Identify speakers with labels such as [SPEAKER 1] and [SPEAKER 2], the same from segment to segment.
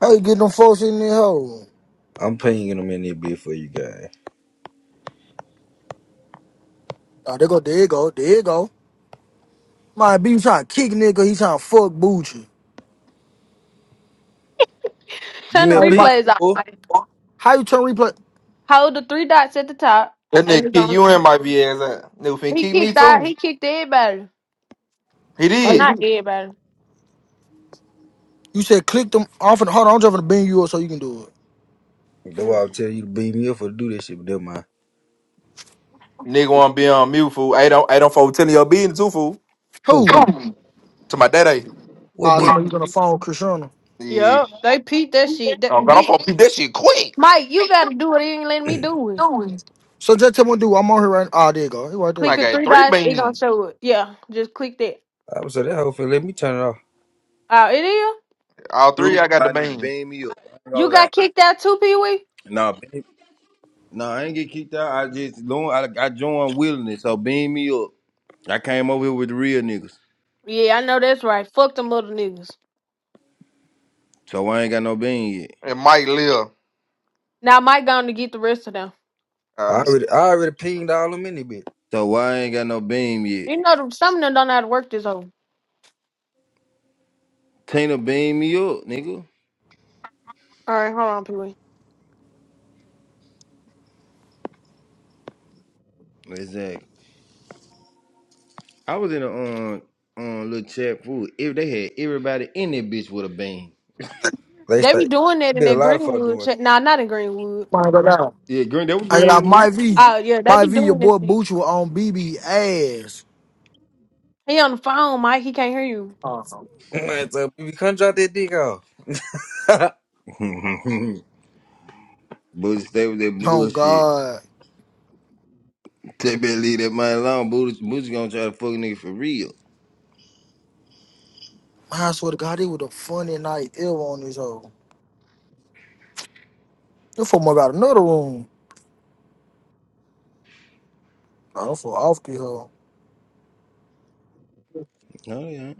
[SPEAKER 1] How you get them folks in there, hole?
[SPEAKER 2] I'm paying them in there bit for you guys.
[SPEAKER 1] Oh, there go, there you go, there you go. My B, you trying to kick nigga, he trying to fuck Bucci.
[SPEAKER 2] Give
[SPEAKER 3] Turn the
[SPEAKER 2] me a
[SPEAKER 1] Hey, my,
[SPEAKER 2] bean,
[SPEAKER 3] replays
[SPEAKER 2] boy.
[SPEAKER 3] off.
[SPEAKER 1] how you turn replay?
[SPEAKER 3] Hold the three dots at the top,
[SPEAKER 4] That
[SPEAKER 3] and
[SPEAKER 4] nigga
[SPEAKER 3] it's
[SPEAKER 4] kick
[SPEAKER 3] gonna-
[SPEAKER 4] you in my VS out. Nigga finna
[SPEAKER 3] he
[SPEAKER 4] kick me
[SPEAKER 3] kicked out.
[SPEAKER 4] too.
[SPEAKER 3] He kicked everybody.
[SPEAKER 4] He
[SPEAKER 3] Well,
[SPEAKER 1] How you
[SPEAKER 4] did.
[SPEAKER 3] not
[SPEAKER 1] do?
[SPEAKER 3] everybody.
[SPEAKER 1] You said click them off and hold on, I'm driving to bend you up so you can do it.
[SPEAKER 2] That's why
[SPEAKER 3] Mm.
[SPEAKER 2] I'll tell you to beam me up for do this shit, but never mind.
[SPEAKER 4] Nigga wanna be on mute, fool. I don't I don't for telling your business too, fool.
[SPEAKER 2] Who?
[SPEAKER 1] Who?
[SPEAKER 4] To my daddy.
[SPEAKER 2] What
[SPEAKER 1] Ah, uh,
[SPEAKER 4] Yeah.
[SPEAKER 2] bitch?
[SPEAKER 1] tell me you gonna phone Cristiano.
[SPEAKER 3] Yup, they peeped that shit. That
[SPEAKER 4] Oh, God, I'm
[SPEAKER 3] big
[SPEAKER 4] gonna beat that shit quick.
[SPEAKER 3] Mike, you gotta do it. He ain't letting me do it.
[SPEAKER 1] So just tell me, what to do I'm on here right now. Ah, there you go. He right there.
[SPEAKER 4] I
[SPEAKER 3] Click the
[SPEAKER 4] got
[SPEAKER 3] three
[SPEAKER 4] three
[SPEAKER 3] dots. It gonna
[SPEAKER 4] beans.
[SPEAKER 3] show it. Yeah, just click that.
[SPEAKER 2] I was so that hoe finna let me turn it off.
[SPEAKER 3] Oh, it is.
[SPEAKER 4] All three,
[SPEAKER 5] True,
[SPEAKER 4] I got the
[SPEAKER 5] somebody need to
[SPEAKER 4] bean.
[SPEAKER 5] beam me up. I ain't gonna
[SPEAKER 3] You
[SPEAKER 5] lie.
[SPEAKER 3] got kicked out too, Pee Wee.
[SPEAKER 5] Nah, beam, nah, I ain't get kicked out. I just long I, I joined willingly, so beam me up. I came over here with the real niggas,
[SPEAKER 3] Yeah, I know that's right. Fuck them little niggas.
[SPEAKER 5] so I ain't got no beam yet.
[SPEAKER 4] And Mike live.
[SPEAKER 3] Now Mike going to get the rest of them.
[SPEAKER 4] Uh, let
[SPEAKER 2] I
[SPEAKER 4] me see.
[SPEAKER 2] already I already pinged all them in there bit.
[SPEAKER 5] So why I ain't got no beam yet.
[SPEAKER 3] You know, them- some of them don't know how to work this over.
[SPEAKER 5] Tina beam me up, nigga.
[SPEAKER 3] All right, hold on, Pee Wee.
[SPEAKER 5] Exactly. I was in a um um little chat food. If they had everybody in that bitch with a beam.
[SPEAKER 2] They
[SPEAKER 3] They be
[SPEAKER 2] stay
[SPEAKER 3] doing that in
[SPEAKER 2] be a
[SPEAKER 3] that
[SPEAKER 2] lot of fuck
[SPEAKER 3] Greenwood.
[SPEAKER 2] doing.
[SPEAKER 3] Ch- nah, not in Greenwood.
[SPEAKER 1] Mine go down.
[SPEAKER 5] Yeah, green. That was
[SPEAKER 1] I got my
[SPEAKER 5] Greenwood.
[SPEAKER 1] V.
[SPEAKER 3] Oh yeah, they
[SPEAKER 1] My
[SPEAKER 3] be
[SPEAKER 1] V, your
[SPEAKER 3] doing this
[SPEAKER 1] boy
[SPEAKER 3] shit.
[SPEAKER 1] Bucci was on BB ass.
[SPEAKER 3] He on the phone, Mike. He can't hear you.
[SPEAKER 1] Awesome.
[SPEAKER 2] so if you come drop that dick off.
[SPEAKER 5] Booty stay with that
[SPEAKER 1] Oh,
[SPEAKER 5] bullshit.
[SPEAKER 1] God.
[SPEAKER 5] They better leave that man alone. Booty, Booty gonna try to fuck a nigga for real.
[SPEAKER 1] Man, I swear to God, it was a funny night ever on this hoe. You for more about another room. I don't fall off the hoe.
[SPEAKER 5] Oh yeah.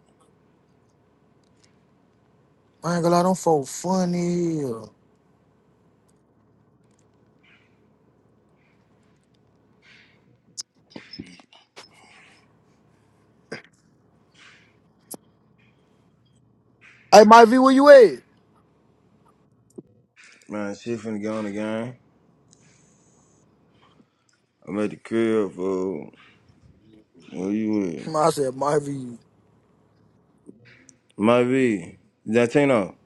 [SPEAKER 1] I ain't gonna lie, them folk funny. Hey, Mike V, where you at?
[SPEAKER 5] Man, she finna get on the game. I'm at the crib fool. where you with?
[SPEAKER 1] I said, Marvy,
[SPEAKER 5] My V. Latino.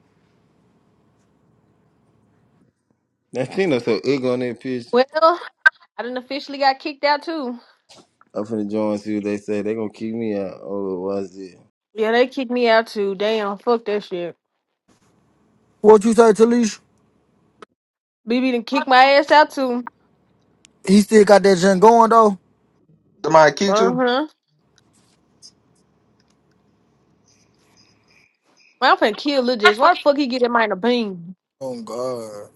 [SPEAKER 5] Latino so ugly on that pitch.
[SPEAKER 3] Well, I done officially got kicked out too.
[SPEAKER 5] I'm finna join see what they say. They gonna kick me out. Oh, what's it?
[SPEAKER 3] Yeah, they kicked me out too. Damn, fuck that shit.
[SPEAKER 1] What you say, Talisha?
[SPEAKER 3] BB done kicked my ass out too.
[SPEAKER 1] He still got that junk going though.
[SPEAKER 4] Somebody kicked
[SPEAKER 3] Uh
[SPEAKER 4] you?
[SPEAKER 3] huh. Man, I'm finna kill Lil Jess. Why the fuck he get that man a bean?
[SPEAKER 1] oh God.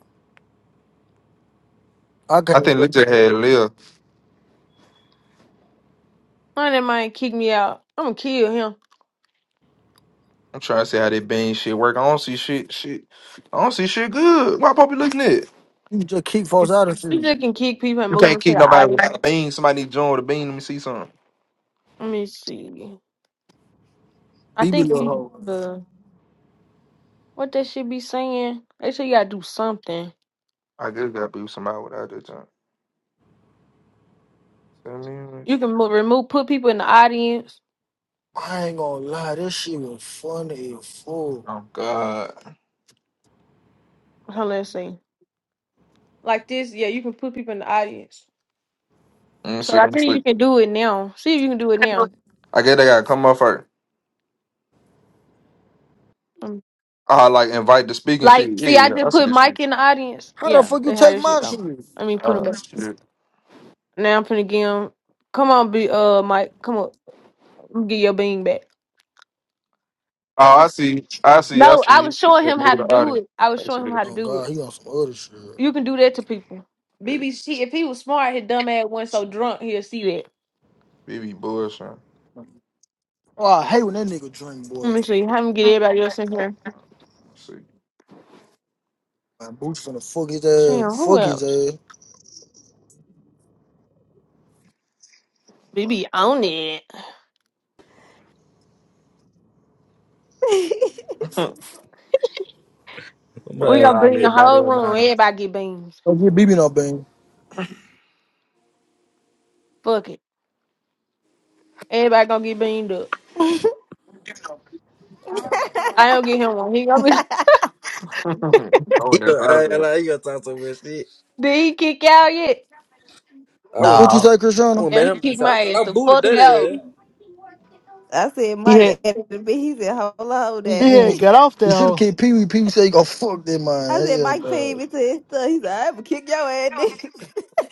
[SPEAKER 1] I
[SPEAKER 4] I
[SPEAKER 1] can't
[SPEAKER 4] think Lil
[SPEAKER 1] go.
[SPEAKER 4] just had live.
[SPEAKER 3] Why that man kick me out? I'm gonna kill him.
[SPEAKER 4] I'm trying to see how that bean shit work. I don't see shit. Shit. I don't see shit good. Why Poppy looking at?
[SPEAKER 1] You just keep folks
[SPEAKER 4] it?
[SPEAKER 1] out of shit.
[SPEAKER 3] He just can kick people and
[SPEAKER 4] You
[SPEAKER 3] move
[SPEAKER 4] can't
[SPEAKER 3] them to
[SPEAKER 4] kick
[SPEAKER 3] the
[SPEAKER 4] nobody
[SPEAKER 3] audience.
[SPEAKER 4] without a bean. Somebody need to join with a bean. Let me see something.
[SPEAKER 3] Let me see. I
[SPEAKER 1] BB
[SPEAKER 3] think
[SPEAKER 1] little
[SPEAKER 3] he,
[SPEAKER 1] hoe.
[SPEAKER 3] uh, what that shit be saying? They say you gotta do something.
[SPEAKER 4] I just gotta be with somebody without that. Send me what
[SPEAKER 3] You
[SPEAKER 4] you-
[SPEAKER 3] can mo- remove, put people in the audience.
[SPEAKER 1] I ain't gonna lie, this shit was funny as fuck.
[SPEAKER 4] Oh God.
[SPEAKER 3] Hold on, Let's see. Like this, yeah, you can put people in the audience.
[SPEAKER 4] Mm,
[SPEAKER 3] So
[SPEAKER 4] shit,
[SPEAKER 3] I
[SPEAKER 4] I'm
[SPEAKER 3] think
[SPEAKER 4] asleep.
[SPEAKER 3] you can do it now. See if you can do it now.
[SPEAKER 4] I guess they gotta come up first.
[SPEAKER 3] Um,
[SPEAKER 4] I like invite to speak and
[SPEAKER 3] like,
[SPEAKER 4] shit. Yeah,
[SPEAKER 3] see, I
[SPEAKER 4] yeah, I
[SPEAKER 3] just
[SPEAKER 4] see
[SPEAKER 3] put
[SPEAKER 4] this shit.
[SPEAKER 3] Mike in the audience.
[SPEAKER 1] How the
[SPEAKER 3] Yeah,
[SPEAKER 1] fuck you
[SPEAKER 3] they had
[SPEAKER 1] take
[SPEAKER 3] this shit
[SPEAKER 1] my shit?
[SPEAKER 3] go. I mean, put him
[SPEAKER 4] Oh,
[SPEAKER 3] back.
[SPEAKER 4] shit.
[SPEAKER 3] Now I'm finna give him. Come on, be uh, Mike. Come on, get your bean back.
[SPEAKER 4] oh I see. I see. I
[SPEAKER 3] No, I
[SPEAKER 4] see.
[SPEAKER 3] was
[SPEAKER 4] It
[SPEAKER 3] showing
[SPEAKER 4] said
[SPEAKER 3] him how
[SPEAKER 4] move
[SPEAKER 3] to
[SPEAKER 4] the
[SPEAKER 3] do
[SPEAKER 4] audience.
[SPEAKER 3] it. I was
[SPEAKER 4] I see
[SPEAKER 3] showing him how
[SPEAKER 4] that
[SPEAKER 3] to
[SPEAKER 4] shit.
[SPEAKER 1] Oh
[SPEAKER 3] do it.
[SPEAKER 1] God, he on some other shit.
[SPEAKER 3] You can do that to people.
[SPEAKER 4] Yeah.
[SPEAKER 3] BBC, if he was smart, his dumb ass wasn't so drunk, he'll see that.
[SPEAKER 4] BB Bush. Huh?
[SPEAKER 1] Oh, I hate when that nigga drink, boy.
[SPEAKER 3] Let me see. Have him get everybody else in here.
[SPEAKER 4] Let's see.
[SPEAKER 1] My boots finna fuck his
[SPEAKER 4] Two.
[SPEAKER 3] Damn,
[SPEAKER 1] ass.
[SPEAKER 3] who
[SPEAKER 1] Fuck his
[SPEAKER 3] else?
[SPEAKER 1] ass.
[SPEAKER 3] BB on it.
[SPEAKER 4] Trying
[SPEAKER 3] We
[SPEAKER 4] to
[SPEAKER 2] Man,
[SPEAKER 3] gonna
[SPEAKER 4] call
[SPEAKER 3] bring the
[SPEAKER 4] everybody
[SPEAKER 3] whole
[SPEAKER 4] a
[SPEAKER 3] room.
[SPEAKER 4] nine.
[SPEAKER 3] Everybody get beans.
[SPEAKER 1] Don't get BB no bang.
[SPEAKER 3] Fuck it. Everybody gonna get beamed up. I don't get him one. He gonna be
[SPEAKER 2] he
[SPEAKER 4] Lord, that's
[SPEAKER 2] gonna
[SPEAKER 4] out of
[SPEAKER 2] I ain't
[SPEAKER 4] there.
[SPEAKER 2] like he gonna talk so much shit.
[SPEAKER 3] Did he kick out yet?
[SPEAKER 2] I went.
[SPEAKER 1] What you
[SPEAKER 6] Nah,
[SPEAKER 1] say,
[SPEAKER 2] I
[SPEAKER 1] Christiana?
[SPEAKER 2] went
[SPEAKER 3] Yeah,
[SPEAKER 2] back bet
[SPEAKER 3] he
[SPEAKER 2] him
[SPEAKER 3] kicked
[SPEAKER 2] myself.
[SPEAKER 3] my
[SPEAKER 2] I thought
[SPEAKER 3] ass
[SPEAKER 2] I
[SPEAKER 3] the
[SPEAKER 2] booted
[SPEAKER 3] fuck
[SPEAKER 2] that
[SPEAKER 3] out.
[SPEAKER 2] ass.
[SPEAKER 7] I said,
[SPEAKER 6] He
[SPEAKER 7] Mike,
[SPEAKER 6] had
[SPEAKER 7] at the bit, he said, hold on, hold
[SPEAKER 1] He,
[SPEAKER 6] he
[SPEAKER 7] that.
[SPEAKER 1] he,
[SPEAKER 6] had got off
[SPEAKER 1] he
[SPEAKER 6] that
[SPEAKER 1] should have
[SPEAKER 6] hoe.
[SPEAKER 1] kicked Pee Wee. Pee Wee said, "You go fuck that man."
[SPEAKER 7] I said,
[SPEAKER 1] Hell
[SPEAKER 7] Mike paid
[SPEAKER 1] no.
[SPEAKER 7] me to his stuff. He said, I'm going to kick your ass, nigga.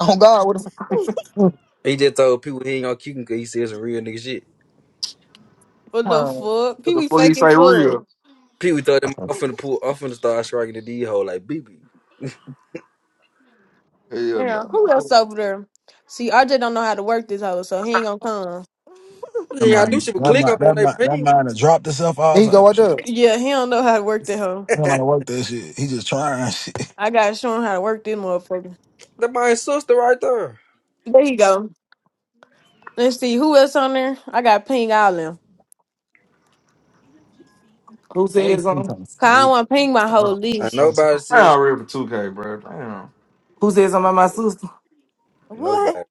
[SPEAKER 1] Oh God, what the fuck,
[SPEAKER 2] He just told people he ain't gonna kick him cause he said some real nigga shit.
[SPEAKER 3] what the
[SPEAKER 1] man?
[SPEAKER 3] fuck?
[SPEAKER 4] What
[SPEAKER 3] People
[SPEAKER 4] the
[SPEAKER 3] be
[SPEAKER 4] fuck he
[SPEAKER 3] faking
[SPEAKER 4] say
[SPEAKER 3] fool.
[SPEAKER 4] real?
[SPEAKER 2] People thought him I'm finna pull I'm finna start striking the D hole like BB.
[SPEAKER 4] Hell
[SPEAKER 3] Yeah,
[SPEAKER 4] no.
[SPEAKER 3] who else over there? See, RJ don't know how to work this hoe, so he ain't gonna come.
[SPEAKER 8] That
[SPEAKER 2] You gotta do
[SPEAKER 8] mind,
[SPEAKER 2] shit but
[SPEAKER 8] that
[SPEAKER 2] click on
[SPEAKER 8] mind,
[SPEAKER 2] it when
[SPEAKER 8] that mind,
[SPEAKER 2] they
[SPEAKER 8] that
[SPEAKER 2] ping.
[SPEAKER 8] mind has dropped itself
[SPEAKER 1] Here
[SPEAKER 8] all
[SPEAKER 1] you go
[SPEAKER 8] type
[SPEAKER 1] right
[SPEAKER 8] of
[SPEAKER 1] there.
[SPEAKER 8] shit.
[SPEAKER 3] Yeah, he don't know how to work that hoe.
[SPEAKER 8] He don't know how to work that shit. He just trying shit.
[SPEAKER 3] I gotta show him how to work this motherfucker.
[SPEAKER 2] That my sister right there.
[SPEAKER 3] There you go. Let's see who else on there. I gotta ping all them.
[SPEAKER 9] Who
[SPEAKER 6] hey,
[SPEAKER 9] says
[SPEAKER 8] I'm
[SPEAKER 9] um?
[SPEAKER 8] talking
[SPEAKER 3] Cause
[SPEAKER 8] some
[SPEAKER 3] I don't
[SPEAKER 8] replay.
[SPEAKER 3] wanna ping my whole
[SPEAKER 8] Oh,
[SPEAKER 2] And
[SPEAKER 3] list.
[SPEAKER 8] oh.
[SPEAKER 2] nobody
[SPEAKER 4] I
[SPEAKER 2] says
[SPEAKER 4] don't real for 2K, bro.
[SPEAKER 9] Who says I'm my sister?
[SPEAKER 7] what?
[SPEAKER 2] nobody.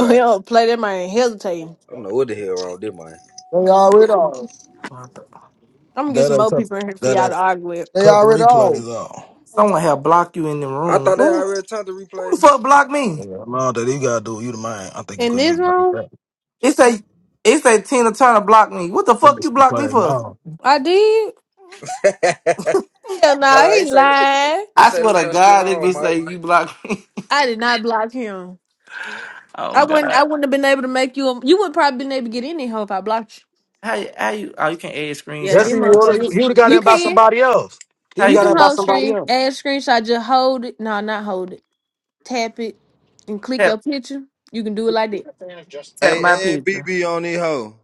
[SPEAKER 3] We don't play that man hesitating.
[SPEAKER 2] I don't know what the hell wrong with them man.
[SPEAKER 1] They already off.
[SPEAKER 3] I'm gonna get
[SPEAKER 8] That
[SPEAKER 3] some
[SPEAKER 8] I
[SPEAKER 3] more
[SPEAKER 8] cut,
[SPEAKER 3] people in here for
[SPEAKER 8] that
[SPEAKER 3] y'all to
[SPEAKER 8] I
[SPEAKER 3] argue with.
[SPEAKER 1] They
[SPEAKER 8] cut the
[SPEAKER 1] already off.
[SPEAKER 8] replays off.
[SPEAKER 9] Someone have blocked you in the
[SPEAKER 2] I
[SPEAKER 9] room.
[SPEAKER 2] thought they
[SPEAKER 9] What?
[SPEAKER 2] already turned the
[SPEAKER 9] Who
[SPEAKER 2] replay.
[SPEAKER 9] the fuck blocked me?
[SPEAKER 8] Yeah, no, that he gotta do you the man. I think you
[SPEAKER 3] In
[SPEAKER 8] could
[SPEAKER 3] this
[SPEAKER 8] utilize
[SPEAKER 3] room,
[SPEAKER 8] that.
[SPEAKER 9] It say it say Tina Turner blocked me. What the
[SPEAKER 8] That
[SPEAKER 9] fuck you
[SPEAKER 8] bitch can
[SPEAKER 9] blocked
[SPEAKER 8] play
[SPEAKER 9] me
[SPEAKER 8] it
[SPEAKER 9] for?
[SPEAKER 8] now.
[SPEAKER 3] I did. Hell no,
[SPEAKER 2] nah, it
[SPEAKER 3] he
[SPEAKER 2] say the-
[SPEAKER 3] lying.
[SPEAKER 2] it
[SPEAKER 9] I
[SPEAKER 2] say
[SPEAKER 9] swear
[SPEAKER 2] them
[SPEAKER 9] to
[SPEAKER 2] just still
[SPEAKER 9] God, it be
[SPEAKER 2] on,
[SPEAKER 9] say
[SPEAKER 2] Mike.
[SPEAKER 9] you blocked me.
[SPEAKER 3] I did not block him.
[SPEAKER 9] Oh
[SPEAKER 3] I wouldn't.
[SPEAKER 9] God.
[SPEAKER 3] I wouldn't have been able to make you. A, you would probably been able to get in there hoe if I blocked
[SPEAKER 9] How you- how you? Oh, you can add
[SPEAKER 3] you. Yeah,
[SPEAKER 8] Yes,
[SPEAKER 9] screenshots
[SPEAKER 3] them
[SPEAKER 8] he
[SPEAKER 9] of pictures.
[SPEAKER 8] would. He, he
[SPEAKER 3] motherfuckers.
[SPEAKER 8] would have got
[SPEAKER 3] You
[SPEAKER 8] in by
[SPEAKER 3] can.
[SPEAKER 8] somebody else. He
[SPEAKER 9] How
[SPEAKER 8] would
[SPEAKER 3] You
[SPEAKER 9] you
[SPEAKER 8] have got
[SPEAKER 9] do
[SPEAKER 3] can
[SPEAKER 8] in by
[SPEAKER 9] that?
[SPEAKER 3] hold
[SPEAKER 8] somebody
[SPEAKER 3] screen,
[SPEAKER 8] else.
[SPEAKER 3] add screenshot. Just hold it. No, not hold it. Tap it and click
[SPEAKER 9] Tap
[SPEAKER 3] your picture. You can do it like that.
[SPEAKER 9] tap my
[SPEAKER 5] Hey, hey,
[SPEAKER 9] picture.
[SPEAKER 5] BB on this hoe.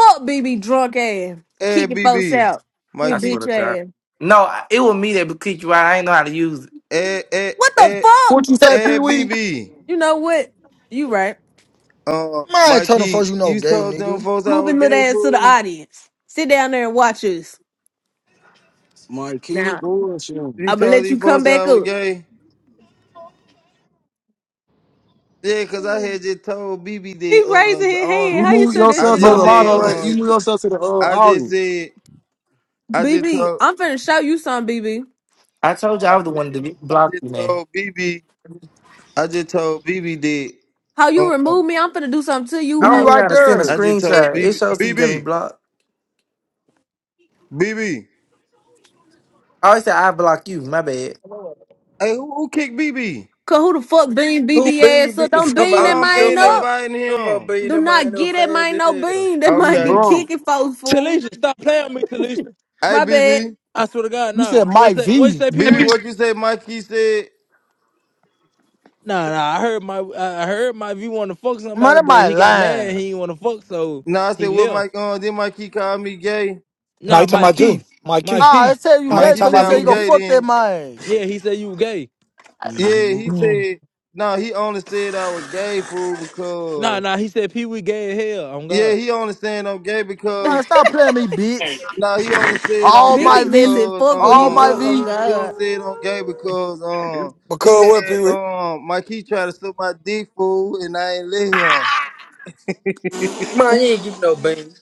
[SPEAKER 3] Fuck BB drunk ass.
[SPEAKER 5] Hey,
[SPEAKER 3] Kicking folks
[SPEAKER 5] BB.
[SPEAKER 3] out. Hey
[SPEAKER 9] I
[SPEAKER 5] Mikey.
[SPEAKER 9] swear
[SPEAKER 3] bitch
[SPEAKER 9] to God.
[SPEAKER 3] ass.
[SPEAKER 9] No, I- it was me that kicked you out. I ain't know how to use it.
[SPEAKER 5] Hey, hey,
[SPEAKER 3] What the
[SPEAKER 5] hey,
[SPEAKER 1] What
[SPEAKER 3] fuck?
[SPEAKER 1] you say, Pee
[SPEAKER 5] hey,
[SPEAKER 1] Wee?
[SPEAKER 5] BB.
[SPEAKER 3] You know what? You right.
[SPEAKER 5] Uh,
[SPEAKER 1] Man, turn the
[SPEAKER 5] Mikey,
[SPEAKER 1] first you know,
[SPEAKER 5] you
[SPEAKER 1] gay
[SPEAKER 5] told them
[SPEAKER 1] nigga.
[SPEAKER 5] folks I was
[SPEAKER 3] Moving little
[SPEAKER 5] gay,
[SPEAKER 3] ass to the
[SPEAKER 5] fool?
[SPEAKER 3] audience. Sit down there and watch us.
[SPEAKER 8] Mike, you
[SPEAKER 3] Now
[SPEAKER 8] bullshit.
[SPEAKER 5] You
[SPEAKER 3] I'm gonna
[SPEAKER 5] told
[SPEAKER 3] let
[SPEAKER 5] these
[SPEAKER 3] you come
[SPEAKER 5] folks I
[SPEAKER 3] back
[SPEAKER 5] was
[SPEAKER 3] up.
[SPEAKER 5] gay? Yeah, 'cause I had
[SPEAKER 7] Oh,
[SPEAKER 5] just told BB that,
[SPEAKER 3] He
[SPEAKER 5] uh,
[SPEAKER 3] raising
[SPEAKER 5] the
[SPEAKER 3] his
[SPEAKER 5] on,
[SPEAKER 8] You
[SPEAKER 3] hand. How you
[SPEAKER 8] move
[SPEAKER 3] turn that
[SPEAKER 5] I
[SPEAKER 8] yourself
[SPEAKER 3] shit
[SPEAKER 8] to the
[SPEAKER 5] just
[SPEAKER 3] out though?
[SPEAKER 5] said,
[SPEAKER 8] moderator.
[SPEAKER 9] Motherfucker.
[SPEAKER 5] uh.
[SPEAKER 8] You move yourself to the uh,
[SPEAKER 5] I just
[SPEAKER 8] audience.
[SPEAKER 5] said, I just
[SPEAKER 3] BB,
[SPEAKER 5] told,
[SPEAKER 3] I'm finna show you something, BB.
[SPEAKER 9] I told you I was the one that
[SPEAKER 5] I
[SPEAKER 9] blocked
[SPEAKER 5] just
[SPEAKER 9] you, man.
[SPEAKER 5] told BB, I just told BB that,
[SPEAKER 3] How you
[SPEAKER 5] um,
[SPEAKER 3] remove me, I'm finna do something to
[SPEAKER 9] I
[SPEAKER 3] you,
[SPEAKER 1] Be
[SPEAKER 9] don't even
[SPEAKER 3] ho.
[SPEAKER 9] know
[SPEAKER 1] right
[SPEAKER 9] how to send a
[SPEAKER 1] there.
[SPEAKER 5] I just told
[SPEAKER 9] screenshot. It
[SPEAKER 5] BB,
[SPEAKER 9] shows that you got me
[SPEAKER 5] BB,
[SPEAKER 9] blocked.
[SPEAKER 5] BB.
[SPEAKER 9] I always say I block you. My bad.
[SPEAKER 5] Hey, who, who kicked BB?
[SPEAKER 3] Cause who the fuck bean
[SPEAKER 2] Who
[SPEAKER 3] BB
[SPEAKER 2] bean
[SPEAKER 3] ass
[SPEAKER 2] be
[SPEAKER 3] up? Don't bean that
[SPEAKER 2] somebody
[SPEAKER 5] I'm
[SPEAKER 2] them
[SPEAKER 3] mine
[SPEAKER 5] in
[SPEAKER 2] for
[SPEAKER 3] up.
[SPEAKER 5] inviting
[SPEAKER 2] them for
[SPEAKER 5] him.
[SPEAKER 2] bean
[SPEAKER 3] Do
[SPEAKER 2] that man
[SPEAKER 3] not
[SPEAKER 2] no
[SPEAKER 3] get that
[SPEAKER 2] fast
[SPEAKER 3] mine
[SPEAKER 2] to
[SPEAKER 3] no
[SPEAKER 2] hell.
[SPEAKER 3] bean. That
[SPEAKER 8] He
[SPEAKER 3] might be
[SPEAKER 5] Okay.
[SPEAKER 8] drunk.
[SPEAKER 3] kicking folks, fool.
[SPEAKER 10] Talisha, stop playing with me, Talisha.
[SPEAKER 5] Hey,
[SPEAKER 3] My bad.
[SPEAKER 5] BB,
[SPEAKER 10] I swear to God,
[SPEAKER 1] You
[SPEAKER 10] no.
[SPEAKER 1] said
[SPEAKER 10] What's
[SPEAKER 1] Mike
[SPEAKER 10] that? What you
[SPEAKER 1] V.
[SPEAKER 10] say, Pee
[SPEAKER 5] BB,
[SPEAKER 4] Damn.
[SPEAKER 10] Wee?
[SPEAKER 5] what you say? Mikey said.
[SPEAKER 10] Nah, nah. I heard my, I I heard my view want to fuck
[SPEAKER 1] Man,
[SPEAKER 10] somebody,
[SPEAKER 1] that
[SPEAKER 10] but
[SPEAKER 1] might
[SPEAKER 10] he got
[SPEAKER 1] lying.
[SPEAKER 10] mad. He didn't want to fuck, so
[SPEAKER 5] Nah, I said
[SPEAKER 10] he
[SPEAKER 5] what
[SPEAKER 10] left.
[SPEAKER 5] Mike. Uh, then Mikey called me gay.
[SPEAKER 11] Nah, you
[SPEAKER 10] Nah,
[SPEAKER 11] talking
[SPEAKER 10] Mike
[SPEAKER 11] about you,
[SPEAKER 10] Keith, Mike
[SPEAKER 11] Mikey.
[SPEAKER 1] Ah, I
[SPEAKER 10] Keith.
[SPEAKER 1] tell you
[SPEAKER 11] Man
[SPEAKER 1] gay
[SPEAKER 11] ain't
[SPEAKER 5] Mikey
[SPEAKER 11] talking
[SPEAKER 1] because
[SPEAKER 5] said
[SPEAKER 1] you
[SPEAKER 11] about
[SPEAKER 5] I
[SPEAKER 1] said
[SPEAKER 5] was
[SPEAKER 11] me,
[SPEAKER 1] you go
[SPEAKER 5] gay.
[SPEAKER 11] nigga.
[SPEAKER 1] fuck that
[SPEAKER 5] Then
[SPEAKER 1] man.
[SPEAKER 10] Yeah, he said you gay.
[SPEAKER 5] yeah, he
[SPEAKER 8] Mhm.
[SPEAKER 5] said. No, nah, he only said I was gay fool
[SPEAKER 10] Nah,
[SPEAKER 5] because
[SPEAKER 10] nah. He said Pee Wee gay as hell. On
[SPEAKER 5] yeah,
[SPEAKER 10] God,
[SPEAKER 5] he only saying I'm gay because
[SPEAKER 1] Man, stop playing me, bitch.
[SPEAKER 5] No, he only said on
[SPEAKER 1] All
[SPEAKER 5] gay
[SPEAKER 1] my
[SPEAKER 3] BB
[SPEAKER 1] V.
[SPEAKER 3] messy as
[SPEAKER 5] because
[SPEAKER 3] fuck when
[SPEAKER 1] All
[SPEAKER 3] he
[SPEAKER 1] my
[SPEAKER 3] drunk,
[SPEAKER 5] um
[SPEAKER 3] oh
[SPEAKER 1] V.
[SPEAKER 5] he only
[SPEAKER 3] god.
[SPEAKER 5] said on gay because um
[SPEAKER 11] But
[SPEAKER 5] he
[SPEAKER 11] cuz what,
[SPEAKER 5] had
[SPEAKER 11] Pee Wee?
[SPEAKER 5] um my key tried to slip my dick fool and I ain't let him.
[SPEAKER 2] Man, you ain't give me no bean.